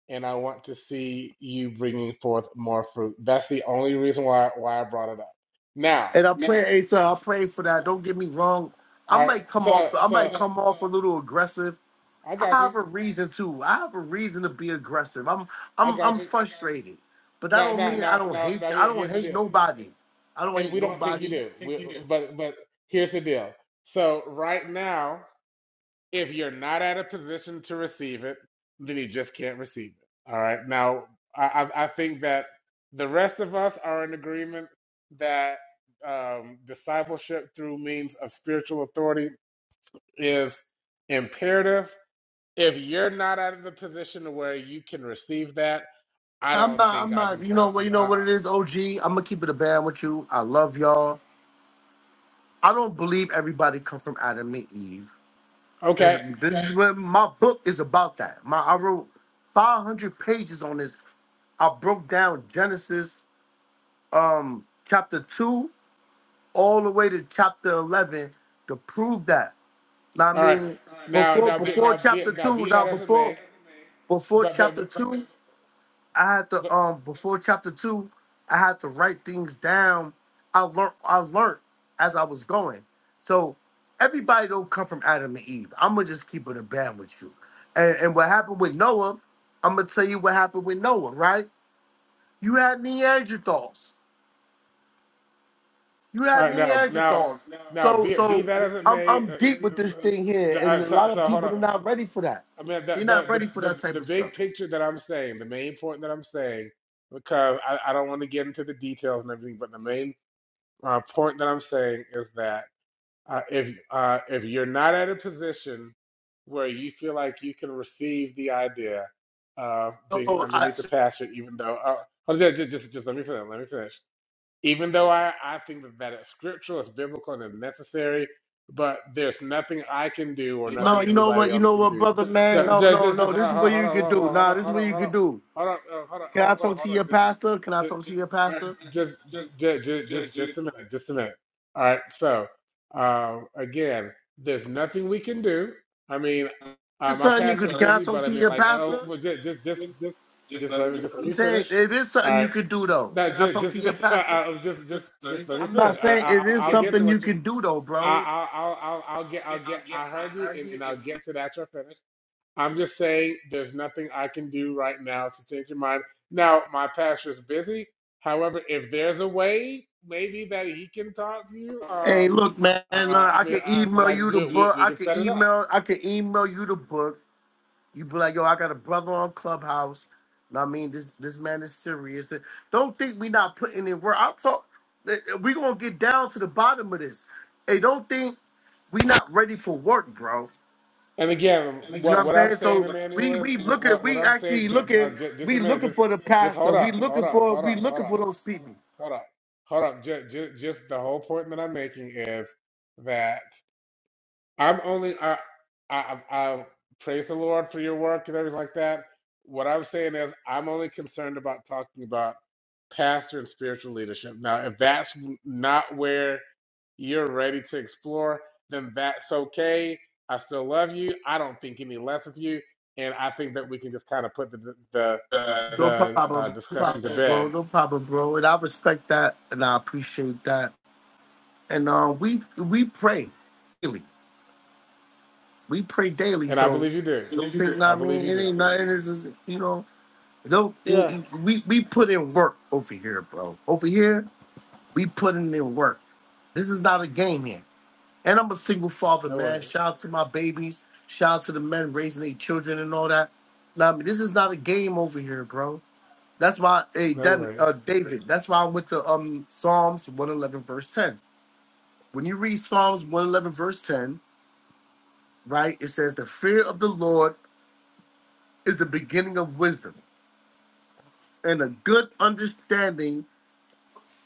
and I want to see you bringing forth more fruit. That's the only reason why why I brought it up. Now, And I pray, Asa, I pray for that. Don't get me wrong. I I might come off. so I might so come off a little aggressive I I got you, have a reason to. I have a reason to be aggressive. I'm I I'm got I'm you. frustrated. But that Now don't now mean I now don't now hate now you. I here, don't here's the hate deal, nobody. I don't and hate we don't think you nobody. do, we, but but here's the deal. So right now. If you're not at a position to receive it, then you just can't receive it. All right. Now, I, I think that the rest of us are in agreement that um, discipleship through means of spiritual authority is imperative. If you're not out of the position where you can receive that, I I'm don't not think I'm I not can you know force what you you. know Uh, what it is, OG. I'm gonna keep it a band with you. I love y'all. I don't believe everybody comes from Adam and Eve. That's okay. this is what my book is about that. My I wrote five hundred pages on this I broke down Genesis um chapter two all the way to chapter 11 to prove that. Now, I All right. mean, Now, before now, be, before now, be, chapter now, two, be now that as it before may, before but, chapter but, two, I had to but um before chapter two, I had to write things down. I learned I learned as I was going. So everybody don't come from Adam and Eve. I'm gonna just keep it a band with you. And and what happened with Noah, I'm gonna tell you what happened with Noah, right? You had Neanderthals. You All have right, now, now, Neanderthals. now, So be be so that as it I'm may, I'm uh, uh, deep with this uh, thing here, the- and uh, a so, lot of so hold people on. are not ready for that. I mean, the, They're not the ready for the the that type the of stuff. big picture that I'm saying, the main point that I'm saying, because I, I don't want to get into the details and everything, but the main uh, point that I'm saying is that uh, if uh, if you're not at a position where you feel like you can receive the idea of being No, I, underneath the pasture, even though, uh, hold on, just just just let me finish. Let me finish even though I, I think that, that it's scriptural, it's biblical, and it's necessary, but there's nothing I can do or no, nothing you know anybody what, you else know can what, do. brother man. Just, No, no, just, no. just hold This is on, what hold you on, hold could on, do. hold Nah, on, this is hold what on, you hold on, could do. hold on, uh, hold on, Can I oh, wait, talk to hold on, your just, just, pastor? Can I just, talk to your all right, pastor? just, This ju- ju- just, just a minute, just a minute. All right, so um, again, there's nothing we can do. I mean, uh, is my something you pastor's could. Can I busy, talk but I to mean, your like, oh, pastor? well, ju- just, just, just, just let me, just let I'm me saying finish. it is something you could do though. No, Can I just, talk to just, your just, uh, pastor? uh, just, just, just let me I'm finish. not I, saying I, it I'll is I'll get to something you what you. can do though, I, bro. I- I'll, I'll, I'll get, I'll get. I heard you, and, and I'll get to that. You're finished. I'm just saying, there's nothing I can do right now to change your mind. Now, my pastor's busy. However, if there's a way, maybe that he can talk to you. Hey, Um, look, man. uh, look, I I mean, can uh, email you like the we, we, book. we I can can set it up. email. I can email you the book. You be like, yo, I got a brother on Clubhouse. Know what I mean, this this man is serious. Don't think we not putting in work. I'm talk. eh, eh, We gonna get down to the bottom of this. Hey, don't think we not ready for work, bro. And again, You know what, what I'm what I'm saying? saying, So we Emmanuel, is we what, look at what, what we I'm saying. actually Just, look at just a we minute. looking Just, for the just pastor. hold We up, hold looking up, for hold we up, hold looking up. for those people. Hold on. Hold on. Just, just, just the whole point that I'm making is that I'm only, I, I, I, I praise the Lord for your work and everything like that. What I'm saying is, I'm only concerned about talking about pastor and spiritual leadership. Now, if that's not where you're ready to explore, then that's okay. I still love you. I don't think any less of you. And I think that we can just kind of put the, the, No the uh, problem, no discussion to problem, bed bro. No problem, bro. And I respect that and I appreciate that. And uh, we we pray daily. We pray daily. And I So believe you did. you know, you know what I I mean, believe you it did. ain't nothing. It's just, you know, no. it- Yeah. it- We we put in work over here, bro. Over here, we putting in work. This is not a game here. And I'm a single father, No man. worries. Shout out to my babies. Shout out to the men raising their children and all that. Now, I mean, this is not a game over here, bro. That's why, hey, No Dan, worries. uh, David, that's why I went to um, Psalms 111, verse 10. When you read Psalms 111, verse 10, right, it says, The fear of the Lord is the beginning of wisdom, and a good understanding,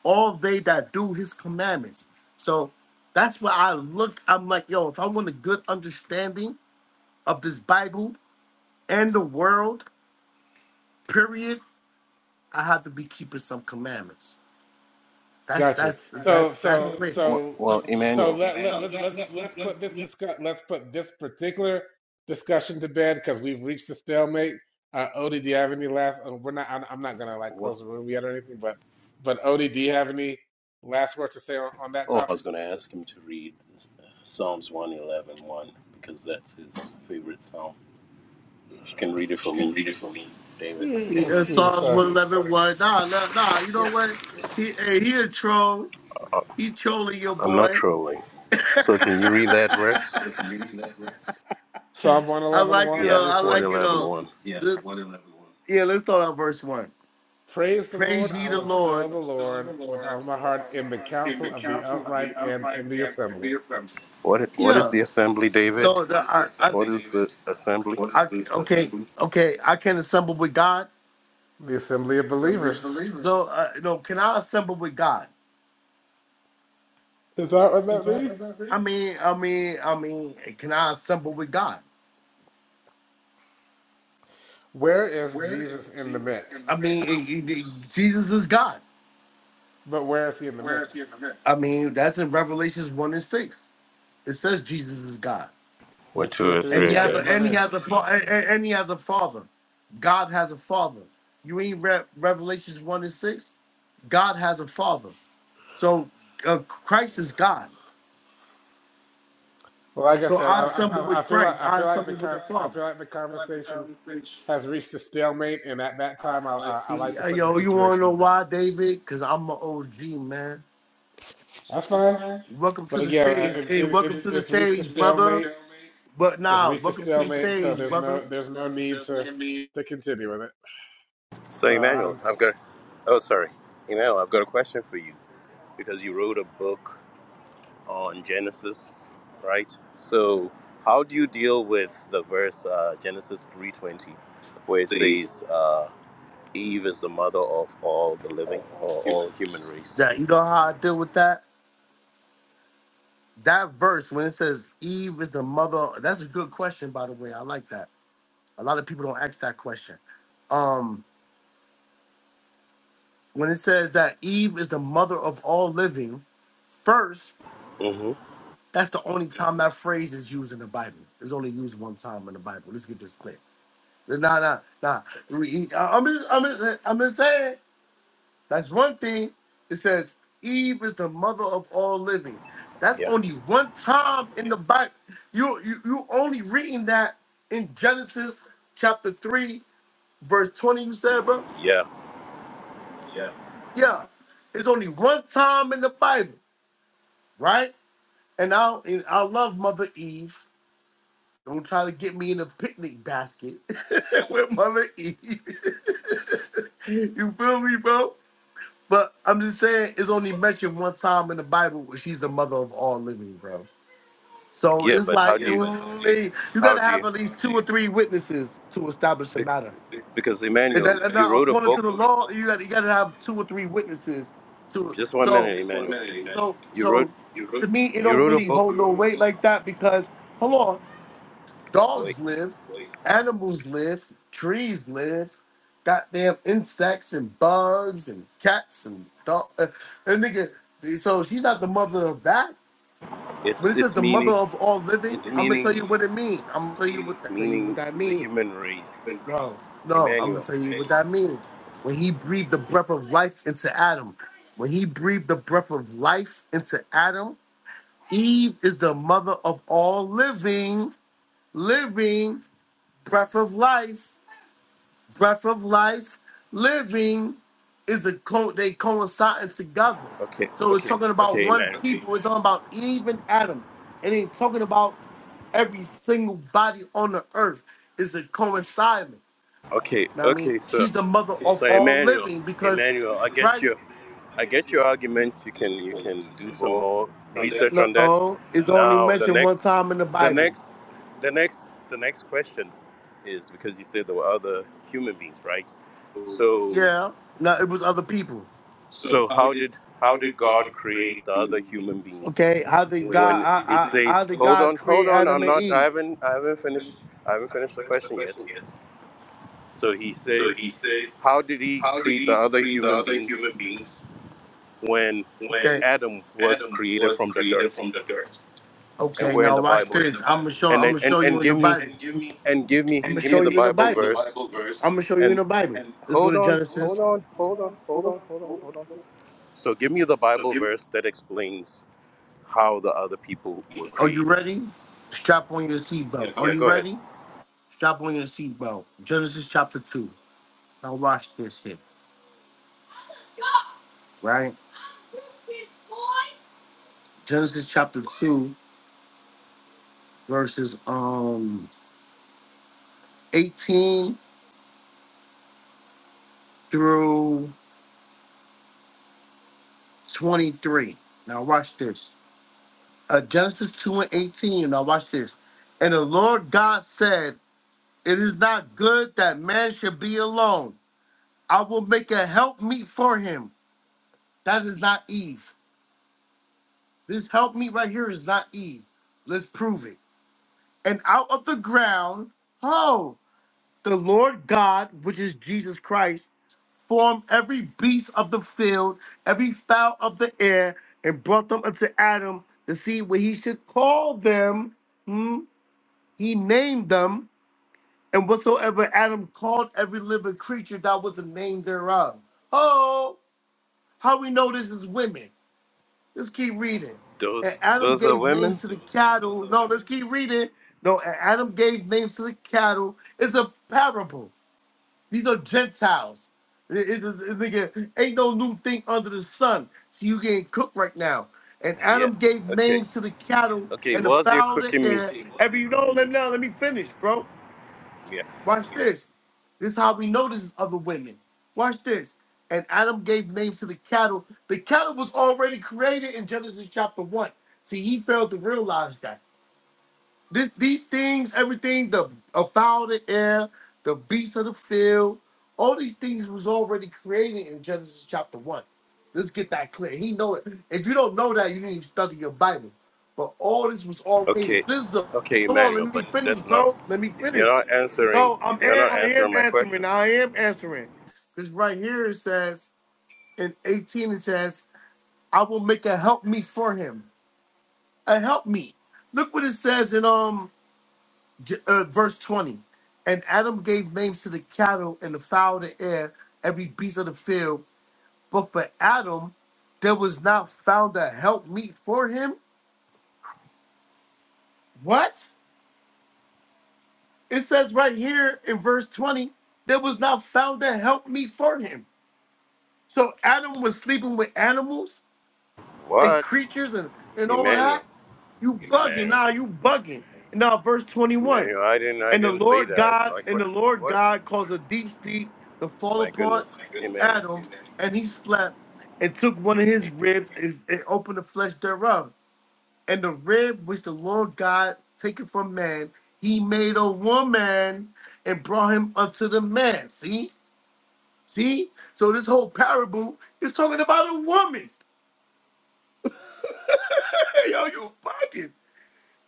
all they that do his commandments. So that's why I look, I'm like, yo, if I want a good understanding of this Bible, and the world, period, I have to be keeping some commandments. That's Gotcha. that's that's So that's so great. Well, so well so Emmanuel. let let let's let's let's put this discuss let's put this particular discussion to bed because we've reached a stalemate. Uh, Odie, do you have any last? uh, We're not. I'm, I'm not gonna like close Well, the room yet or anything. But but Odie, do you have any last words to say on, on that oh, I topic? was going to ask him to read Psalms 111 because that's his favorite psalm. If you can read it for me, David. Yeah, Psalms Sorry. one eleven one. Nah, nah, nah. You know Yeah. what? He hey, he a troll. He trolling your I'm not boy. trolling. So can you read that verse? Psalm one I eleven like you one. Let Yeah, though. me I see it. like you though. 111 Yeah, Let- Yeah, let's start on verse one. Praise the Lord. Praise ye I the will extol Lord. the Lord with all Yeah. my heart in the council of the upright and in the assembly, What what is the assembly, David? So the, I, What is I, the assembly? I okay, okay. I can assemble with God. the assembly of believers. So uh, no, can I assemble with God? Is that what that means? I mean, I mean, I mean, can I assemble with God? Where is Jesus in the I midst? mean, it- it- it- Jesus is God. But where is he in the midst? I mean, that's in Revelations one and six. It says Jesus is God, Where Where two two or or three and three are he are has a gathered in my gathered. and he name. has a fa- and, and- and he has a father. God has a father. You ain't read Revelations one and six. God has a father. So uh, Christ is God. Well, like I So said, I I, I, assemble I with I feel like Christ. I I feel like the assemble with con- the I feel Father. like the conversation has reached a stalemate, and at that time, I, I, I like See, to uh, put the yo, you want to situation know to bed. why, David? Because I'm an OG, man. That's fine, Welcome but to the again, uh, stage. it, Hey, it, welcome it's to the it's reached a stage, stalemate. brother. But It's nah, reached a welcome to the stalemate, so stage, there's no brother. there's no need to Yeah, to continue with it. So, So Emmanuel, I'm I've got. Oh, sorry, Emmanuel, I've got a question for you because you wrote a book on Genesis, right? So, how do you deal with the verse uh, Genesis three twenty, where it says uh, Eve is the mother of all the living or all human race? you know how I deal with that? That verse when it says Eve is the mother, that's a good question, by the way. I like that. A lot of people don't ask that question. Um. When it says that Eve is the mother of all living, first, Mm-hmm. that's the only time that phrase is used in the Bible. It's only used one time in the Bible. Let's get this clear. Nah, nah, nah. We- I'm just, I'm just, I'm just saying. That's one thing. It says Eve is the mother of all living. That's Yeah, only one time in the Bible. You, you, you only reading that in Genesis chapter three, verse twenty. You said, bro. yeah, Yeah, it's only one time in the Bible, right? And I, and I love Mother Eve. Don't try to get me in a picnic basket with Mother Eve. you feel me, bro? But I'm just saying, it's only mentioned one time in the Bible where she's the mother of all living, bro. So yeah. it's But like, how do you? mm, you How gotta do have you? at least two or three witnesses to establish a bec- matter. Because And Emmanuel, that, and you now, wrote a according book. to the law, you got you got to have two or three witnesses to it. Just one So, minute, Emmanuel. so, You wrote so, to me, it you don't wrote a really book hold no weight like that because hold on, Like dogs live, animals live, trees live, goddamn insects and bugs and cats and dog. Uh, and nigga, so she's not the mother of that. it's When it says it's the mother meaning of all living, it's I'm gonna tell meaning you what it means. I'm gonna tell you what it's tell you what meaning that the means. human race. No, no, I'm gonna Emmanuel. tell you what that means. When he breathed the breath of life into Adam, when he breathed the breath of life into Adam, Eve is the mother of all living, living breath of life breath of life, living is a co- they coinciding together. Okay, So it's okay, talking about okay, one Emmanuel. people. It's talking about even Adam, and it's talking about every single body on the earth is a coinciding. Okay, Know what I mean, okay, so she's the mother of so all Emmanuel, living because Emmanuel, I get Christ. your I get your argument. You can you can do some more research on that. No, it's only Now the mentioned one next time in the the Bible. next the next the next question is because you said there were other human beings, right? So Yeah. No, it was other people. So so how how did did how how did did God God create create the other human beings? human beings? Okay. How did Wait, God? when I, it I, wait. how says did Hold on. hold God on create hold on Adam i'm and not i Eve? I haven't i haven't finished i haven't finished haven't the finished the question yet question yet. so he says So he said, how did he how did create the he other create the human other beings human beings when Okay. when Okay. adam was Adam created was from the dirt created from the dirt? and Okay. where in Now the watch And where bible this. the I'm gonna Bible show. and I'm then gonna and, show and you in the give me Bible. and give me and give I'm me gonna give show me the give you in the me the bible the Bible. verse verse I'm gonna show you in and the Bible. and Let's go hold to on Genesis. hold on, on hold hold on hold on hold on hold on so give me the bible verse that explains how the other people were Are you created ready? Strap on your seatbelt. Yeah, Are yeah you go ahead ready? Strap on your seatbelt. Genesis chapter two. Now watch this here, right? Genesis chapter two, verses um eighteen through twenty-three. Now watch this. Uh, Genesis two and eighteen. Now watch this. And the Lord God said, "It is not good that man should be alone. I will make a help meet for him." That is not Eve. This help me right here is not Eve. Let's prove it. And out of the ground, oh, the Lord God, which is Jesus Christ, formed every beast of the field, every fowl of the air, and brought them unto Adam to see what he should call them. Hmm? He named them, and whatsoever Adam called every living creature, that was the name thereof. Oh, how we know this is women? Let's keep reading. And those Adam those are gave women names to the cattle. No, let's keep reading. No, and Adam gave names to the cattle. It's a parable. These are Gentiles. It- It's, it's, it's, nigga, ain't no new thing under the sun. So you getting cooked right now. And yeah Adam gave okay names to the cattle Okay, and the was you fowl of the cooking me? air. Every no, let me now let me finish, bro. Yeah. Watch this. This is how we know this is other women. Watch this. And Adam gave names to the cattle. The cattle was already created in Genesis chapter 1. See, he failed to realize that. This these things, everything, the a foul of the air, the beasts of the field, all these things was already created in Genesis chapter one. Let's get that clear. He know it. If you don't know that, you need to study your Bible. But all this was already. Okay. This is the Okay, hold on, Emmanuel, let me but finish, that's not bro. Let me you're finish. not answering No, I'm you're an- not I answering am my answering. questions. I am answering. Because right here it says in 18 it says, I will make a help me for him. A help me. Look what it says in um uh, verse 20. And Adam gave names to the cattle and the fowl of the air, every beast of the field. But for Adam, there was not found a help meet for him. What? It says right here in verse 20, there was not found a help meet for him. So Adam was sleeping with animals and What? creatures and, and all that. Emmanuel. You bugging. Emmanuel. Nah, you bugging. Now, verse 21. Emmanuel, I didn't I And the didn't say Lord that. God Like and what the Lord what God caused a deep sleep to fall my upon goodness. Emmanuel. Adam, and he slept and took one of his ribs and, and opened the flesh thereof. And the rib which the Lord God taken from man, he made a woman and brought him unto the man. See? See? So this whole parable is talking about a woman. Yo, you fucking.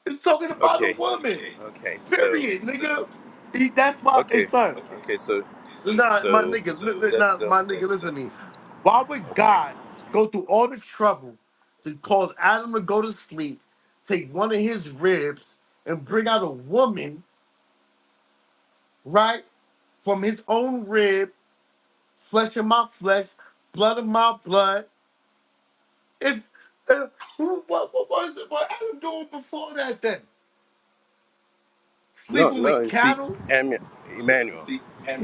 It's talking about a Okay. woman. Okay, so Period, nigga. He- That's why, hey, okay. son. Okay, so Nah, my so nigga, li- li- that's nah, the my nigga, listen to me. Why would okay. God go through all the trouble to cause Adam to go to sleep, take one of his ribs, and bring out a woman, right, from his own rib, flesh of my flesh, blood of my blood? If uh, who- what, what was it? What Adam doing before that? Then No, sleeping no, with you see cattle? Em- Emmanuel.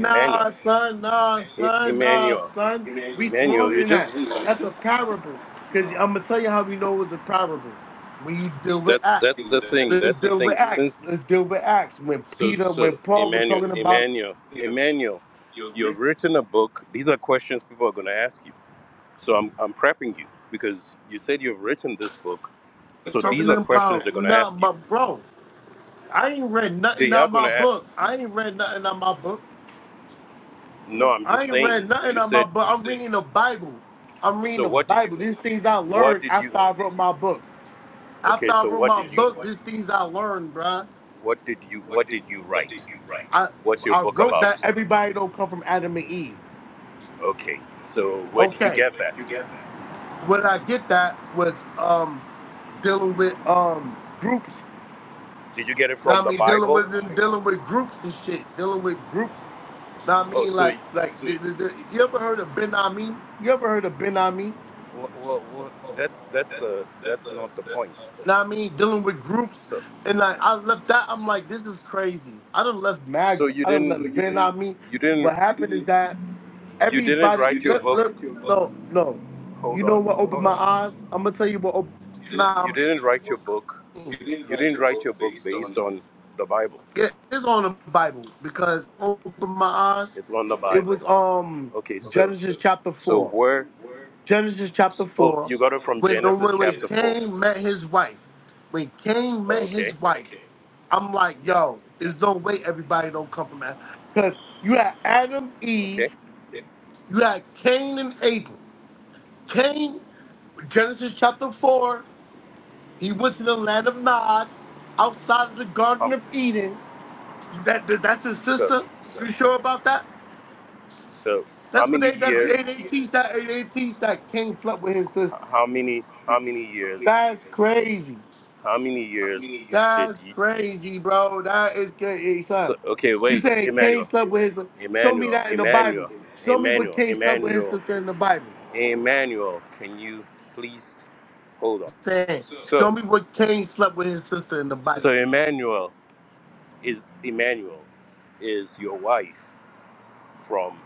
Emmanuel. son, nah, E- son, nah, Emmanuel. son. We Emmanuel, smarter you than that. just That's a parable. Because I'm going to tell you how we know it was a parable. When you deal with that's acts. that's the thing. Let's That's the deal with thing. acts. Since. Let's deal with acts. When So, Peter, so when Paul was Emmanuel, talking about, Emmanuel, Emmanuel, you have written a book. These are questions people are going to ask you. So I'm, I'm prepping you because you said you've written this book. So these talking are questions about, they're going to nah, ask you. my bro, I ain't read nothing They are out going to my ask. book. I ain't read nothing out my book. No, I'm I just ain't read saying. nothing You out my said. book. I'm reading the Bible. I'm reading So the what did you? Bible. These things I What learned did you? after I wrote my book. After Okay. I So wrote what did my you? book, these things I learned, bruh. What did you? What did you write? I What's your I book wrote that about? everybody don't come from Adam and Eve. Okay. So where did you Okay. get Where'd you that? get that? What I get that was um dealing with um groups. Did you get it Know from what I the mean, dealing Bible? with them, dealing with groups and shit, dealing with groups. Know what I Oh, mean, so. like like the- the- the- you ever heard of Ben Ami? You ever heard of Ben Ami? Well, well, well that's that's uh that's not the point Now I mean, dealing with groups, So, and like I left that, I'm like, this is crazy. I done left so Mag, you I done didn't, left. You know what I mean? you didn't, What happened is that you didn't everybody, write your look, book. look, no, no. Hold You know what on, opened hold my on. eyes? I'm gonna tell you what opened. You Nah, didn't write your book. I'm You didn't write your book based on the Bible. Yeah, it's on the Bible because open my eyes. It's on the It was Bible. um Okay, so, Genesis chapter so four. where? Genesis chapter Oh, 4. you got it from When, no, Genesis when, when chapter four. Cain met his wife, when Cain met Oh, his okay, wife, I'm like, yeah, yo, there's no way everybody don't come from that. Because you had Adam, Eve, okay. you had Cain and Abel. Cain, Genesis chapter 4, he went to the land of Nod, outside of the Garden Um, of Eden. That, that- That's his so, sister? You sure about that? so how That's what many they, that's, years? they, they teach that, they they teach that Cain slept with his sister. How many? How many years? That's crazy. How many years did That's you? crazy, bro. That is good. Son, So, okay, you wait, saying Cain Emmanuel, slept with his? Show me Emmanuel, that in the Bible. Emmanuel. Show me what Emmanuel, Cain slept with his Emmanuel. sister in the Bible. Emmanuel, can you please hold on? Saying, show So, me what Cain slept with his sister in the Bible. so Emmanuel is Emmanuel is your wife from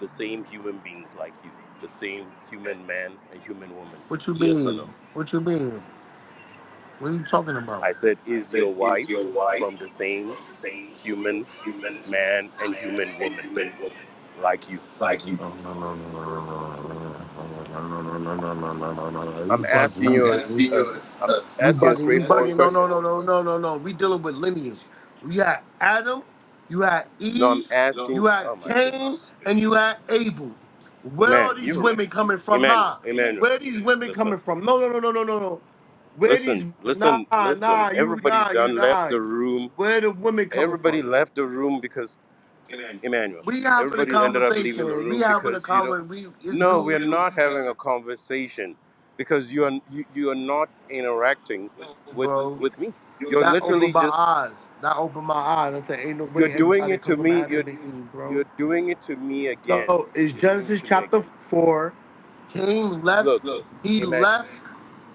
the same human beings like you, the same human man and human woman. What you Yes or no? mean? What you mean? What are you talking about? I said I is said, your is your wife wife from the from same the same human human man and human man and woman human woman? like you. Like you? I'm asking I'm you happy a, a to. I'm s- You asking a bugging, you straightforward bugging. No, no, question. no, no, no, no, no. We dealing with lineage. You had Adam, you had No, I'm Eve, asking. you had Oh my Cain, goodness, and you had Abel. Where are man, these you, women coming from? Emmanuel, Nah. Emmanuel. Where are these women listen. coming from? No, no, no, no, no, no, no. Where these Listen, nah listen, listen. nah you Everybody nah you done left nah. the room. Where the women coming from? Everybody left the room because Emmanuel. We having a Everybody ended up leaving the conversation. We room having a because you know, conversation. We it's me, no, we are not having and a conversation because you are you, you are not interacting you, with bro. with me. Yo, You're that opened literally my just eyes. That opened my eyes. I said, ain't no you're way doing everybody it come to from me. You're Adam and Eve, bro. you're doing it to me again. No, it's You're doing it Genesis to me chapter again. four. Cain Look, left. Look. He Eman, left.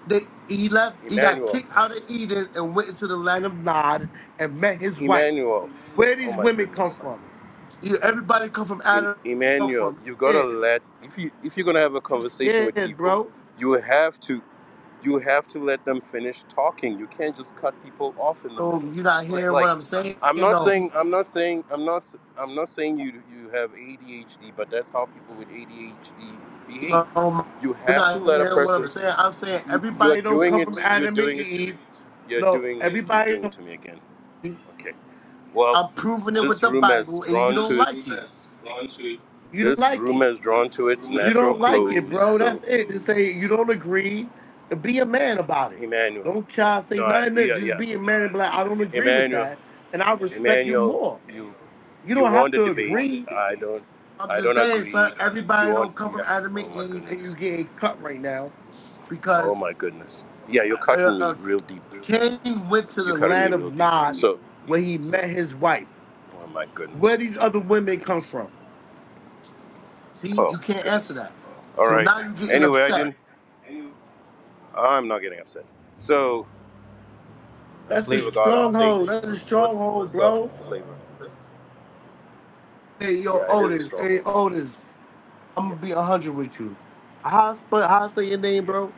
The, he left. He got Emmanuel, kicked out of Eden and went into the land of Nod and met his wife. Emmanuel. Where Oh these my women come goodness. from? You, everybody come from Em- Adam. Emmanuel, From you gotta yeah, let if you if you're gonna have a you conversation with scared, people, bro. you have to you have to let them finish talking. You can't just cut people off in the Oh, middle. you not It's hearing what like I'm saying? I'm not No. saying I'm not saying I'm not s- I'm not saying you you have ADHD, but that's how people with ADHD behave. No, You you're have to not let a hearing what I'm person. saying. I'm saying You, you're everybody don't doing come from it. You're Adam and doing it to me. Eve. You're No, doing you're everybody. doing it Don't- to me again. Okay. Well, I'm proving it with this the room has Bible, and you drawn don't to it. like it. You don't This like room it. has drawn to its You natural don't like it, close. bro. So, That's it. Just say you don't agree. Be a man about it. Emmanuel, Don't try to say no, I- nothing. There. yeah, Just yeah, be a man and be like, I don't agree with Emmanuel, that, and I respect you Emmanuel, more. you, You you don't want have the to debate? agree. I don't, I'm I just don't saying, son. agree. You Everybody want, don't come from yeah. Adam and Oh my Eve, and you goodness. getting cut right now Oh because. my goodness. Yeah, you're uh, cutting me uh, real deep. Cain went to You the cut land of deep. Nod So, where he met his wife. oh my Where goodness. these other women come from? See, Oh you my can't answer goodness. that. All So right. now you're getting Anyway, I upset. didn't. I'm not getting upset. So, a That's a flavor god on stage. stronghold. That's a What's what? stronghold, What's up, bro. flavor? Hey, yo, Yeah, it is a Otis. Hey, stronghold. Otis. I'm Yeah, gonna be a hundred with you. How I spell? How I say your name, yeah. bro?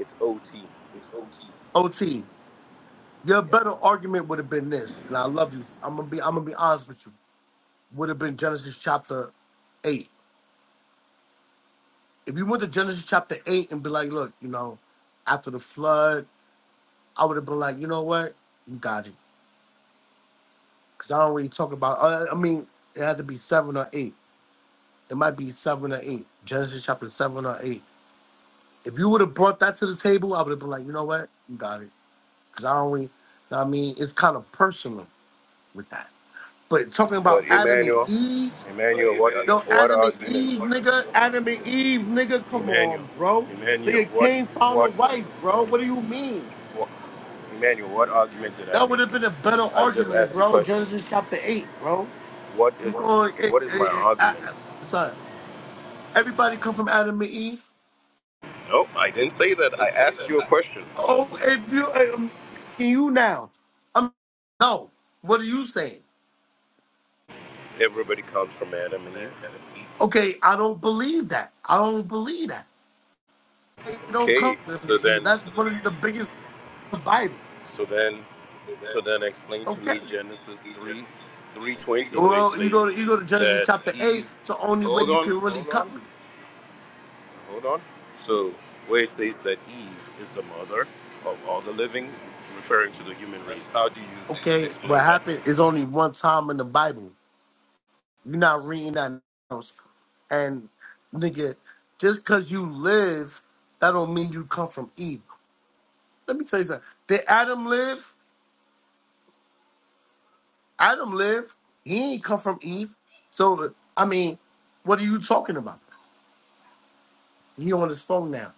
It's OT. OT. Your Yeah. better argument would have been this, and I love you. I'm gonna be. I'm gonna be honest with you. Would have been Genesis chapter eight. if you went to Genesis chapter eight and be like, look, you know, after the flood, I would have been like, you know what, you got it, because I don't really talk about. Uh, I mean, it had to be seven or eight. It might be seven or eight. Genesis chapter seven or eight. If you would have brought that to the table, I would have been like, you know what, you got it, because I don't really. you know what I mean, it's kind of personal with that. But talking about But Adam and Emmanuel, Eve, but Emmanuel, it what made, no, what Adam and it made argument? Eve, a bunch of- nigga, Adam and Eve, nigga, come Emmanuel, on, bro. Emmanuel, Nigga what Cain found a what, wife, bro. What do you mean? what Emmanuel, what argument did I That would make? have been a better I just argument, asked you bro. Genesis questions. chapter eight, bro. What You is going? eh, what is eh, my eh, I, argument? I, son, everybody come from Adam and Eve. Nope, I didn't say that. I asked you a question. Oh, if you, eh, I'm asking you now. I'm no. What are you saying? Everybody comes from Adam and Eve. Okay, I don't believe that. I don't believe that. They don't come Okay, from Adam so and Eve. then, That's one of the biggest in the Bible. so then, so then, explain to Okay. me Genesis three, three twenty, where it Well, you says go to you go to Genesis that chapter eight. Eve. It's the only way Hold you on, can really hold on. cut me. Hold on. So, where it says that Eve is the mother of all the living, referring to the human race, how do you Okay, what explain that? happened is only one time in the Bible. You're not reading that else. And nigga, just because you live, that don't mean you come from Eve. Let me tell you something. Did Adam live? Adam lived. He ain't come from Eve. So I mean, what are you talking about? He on his phone now.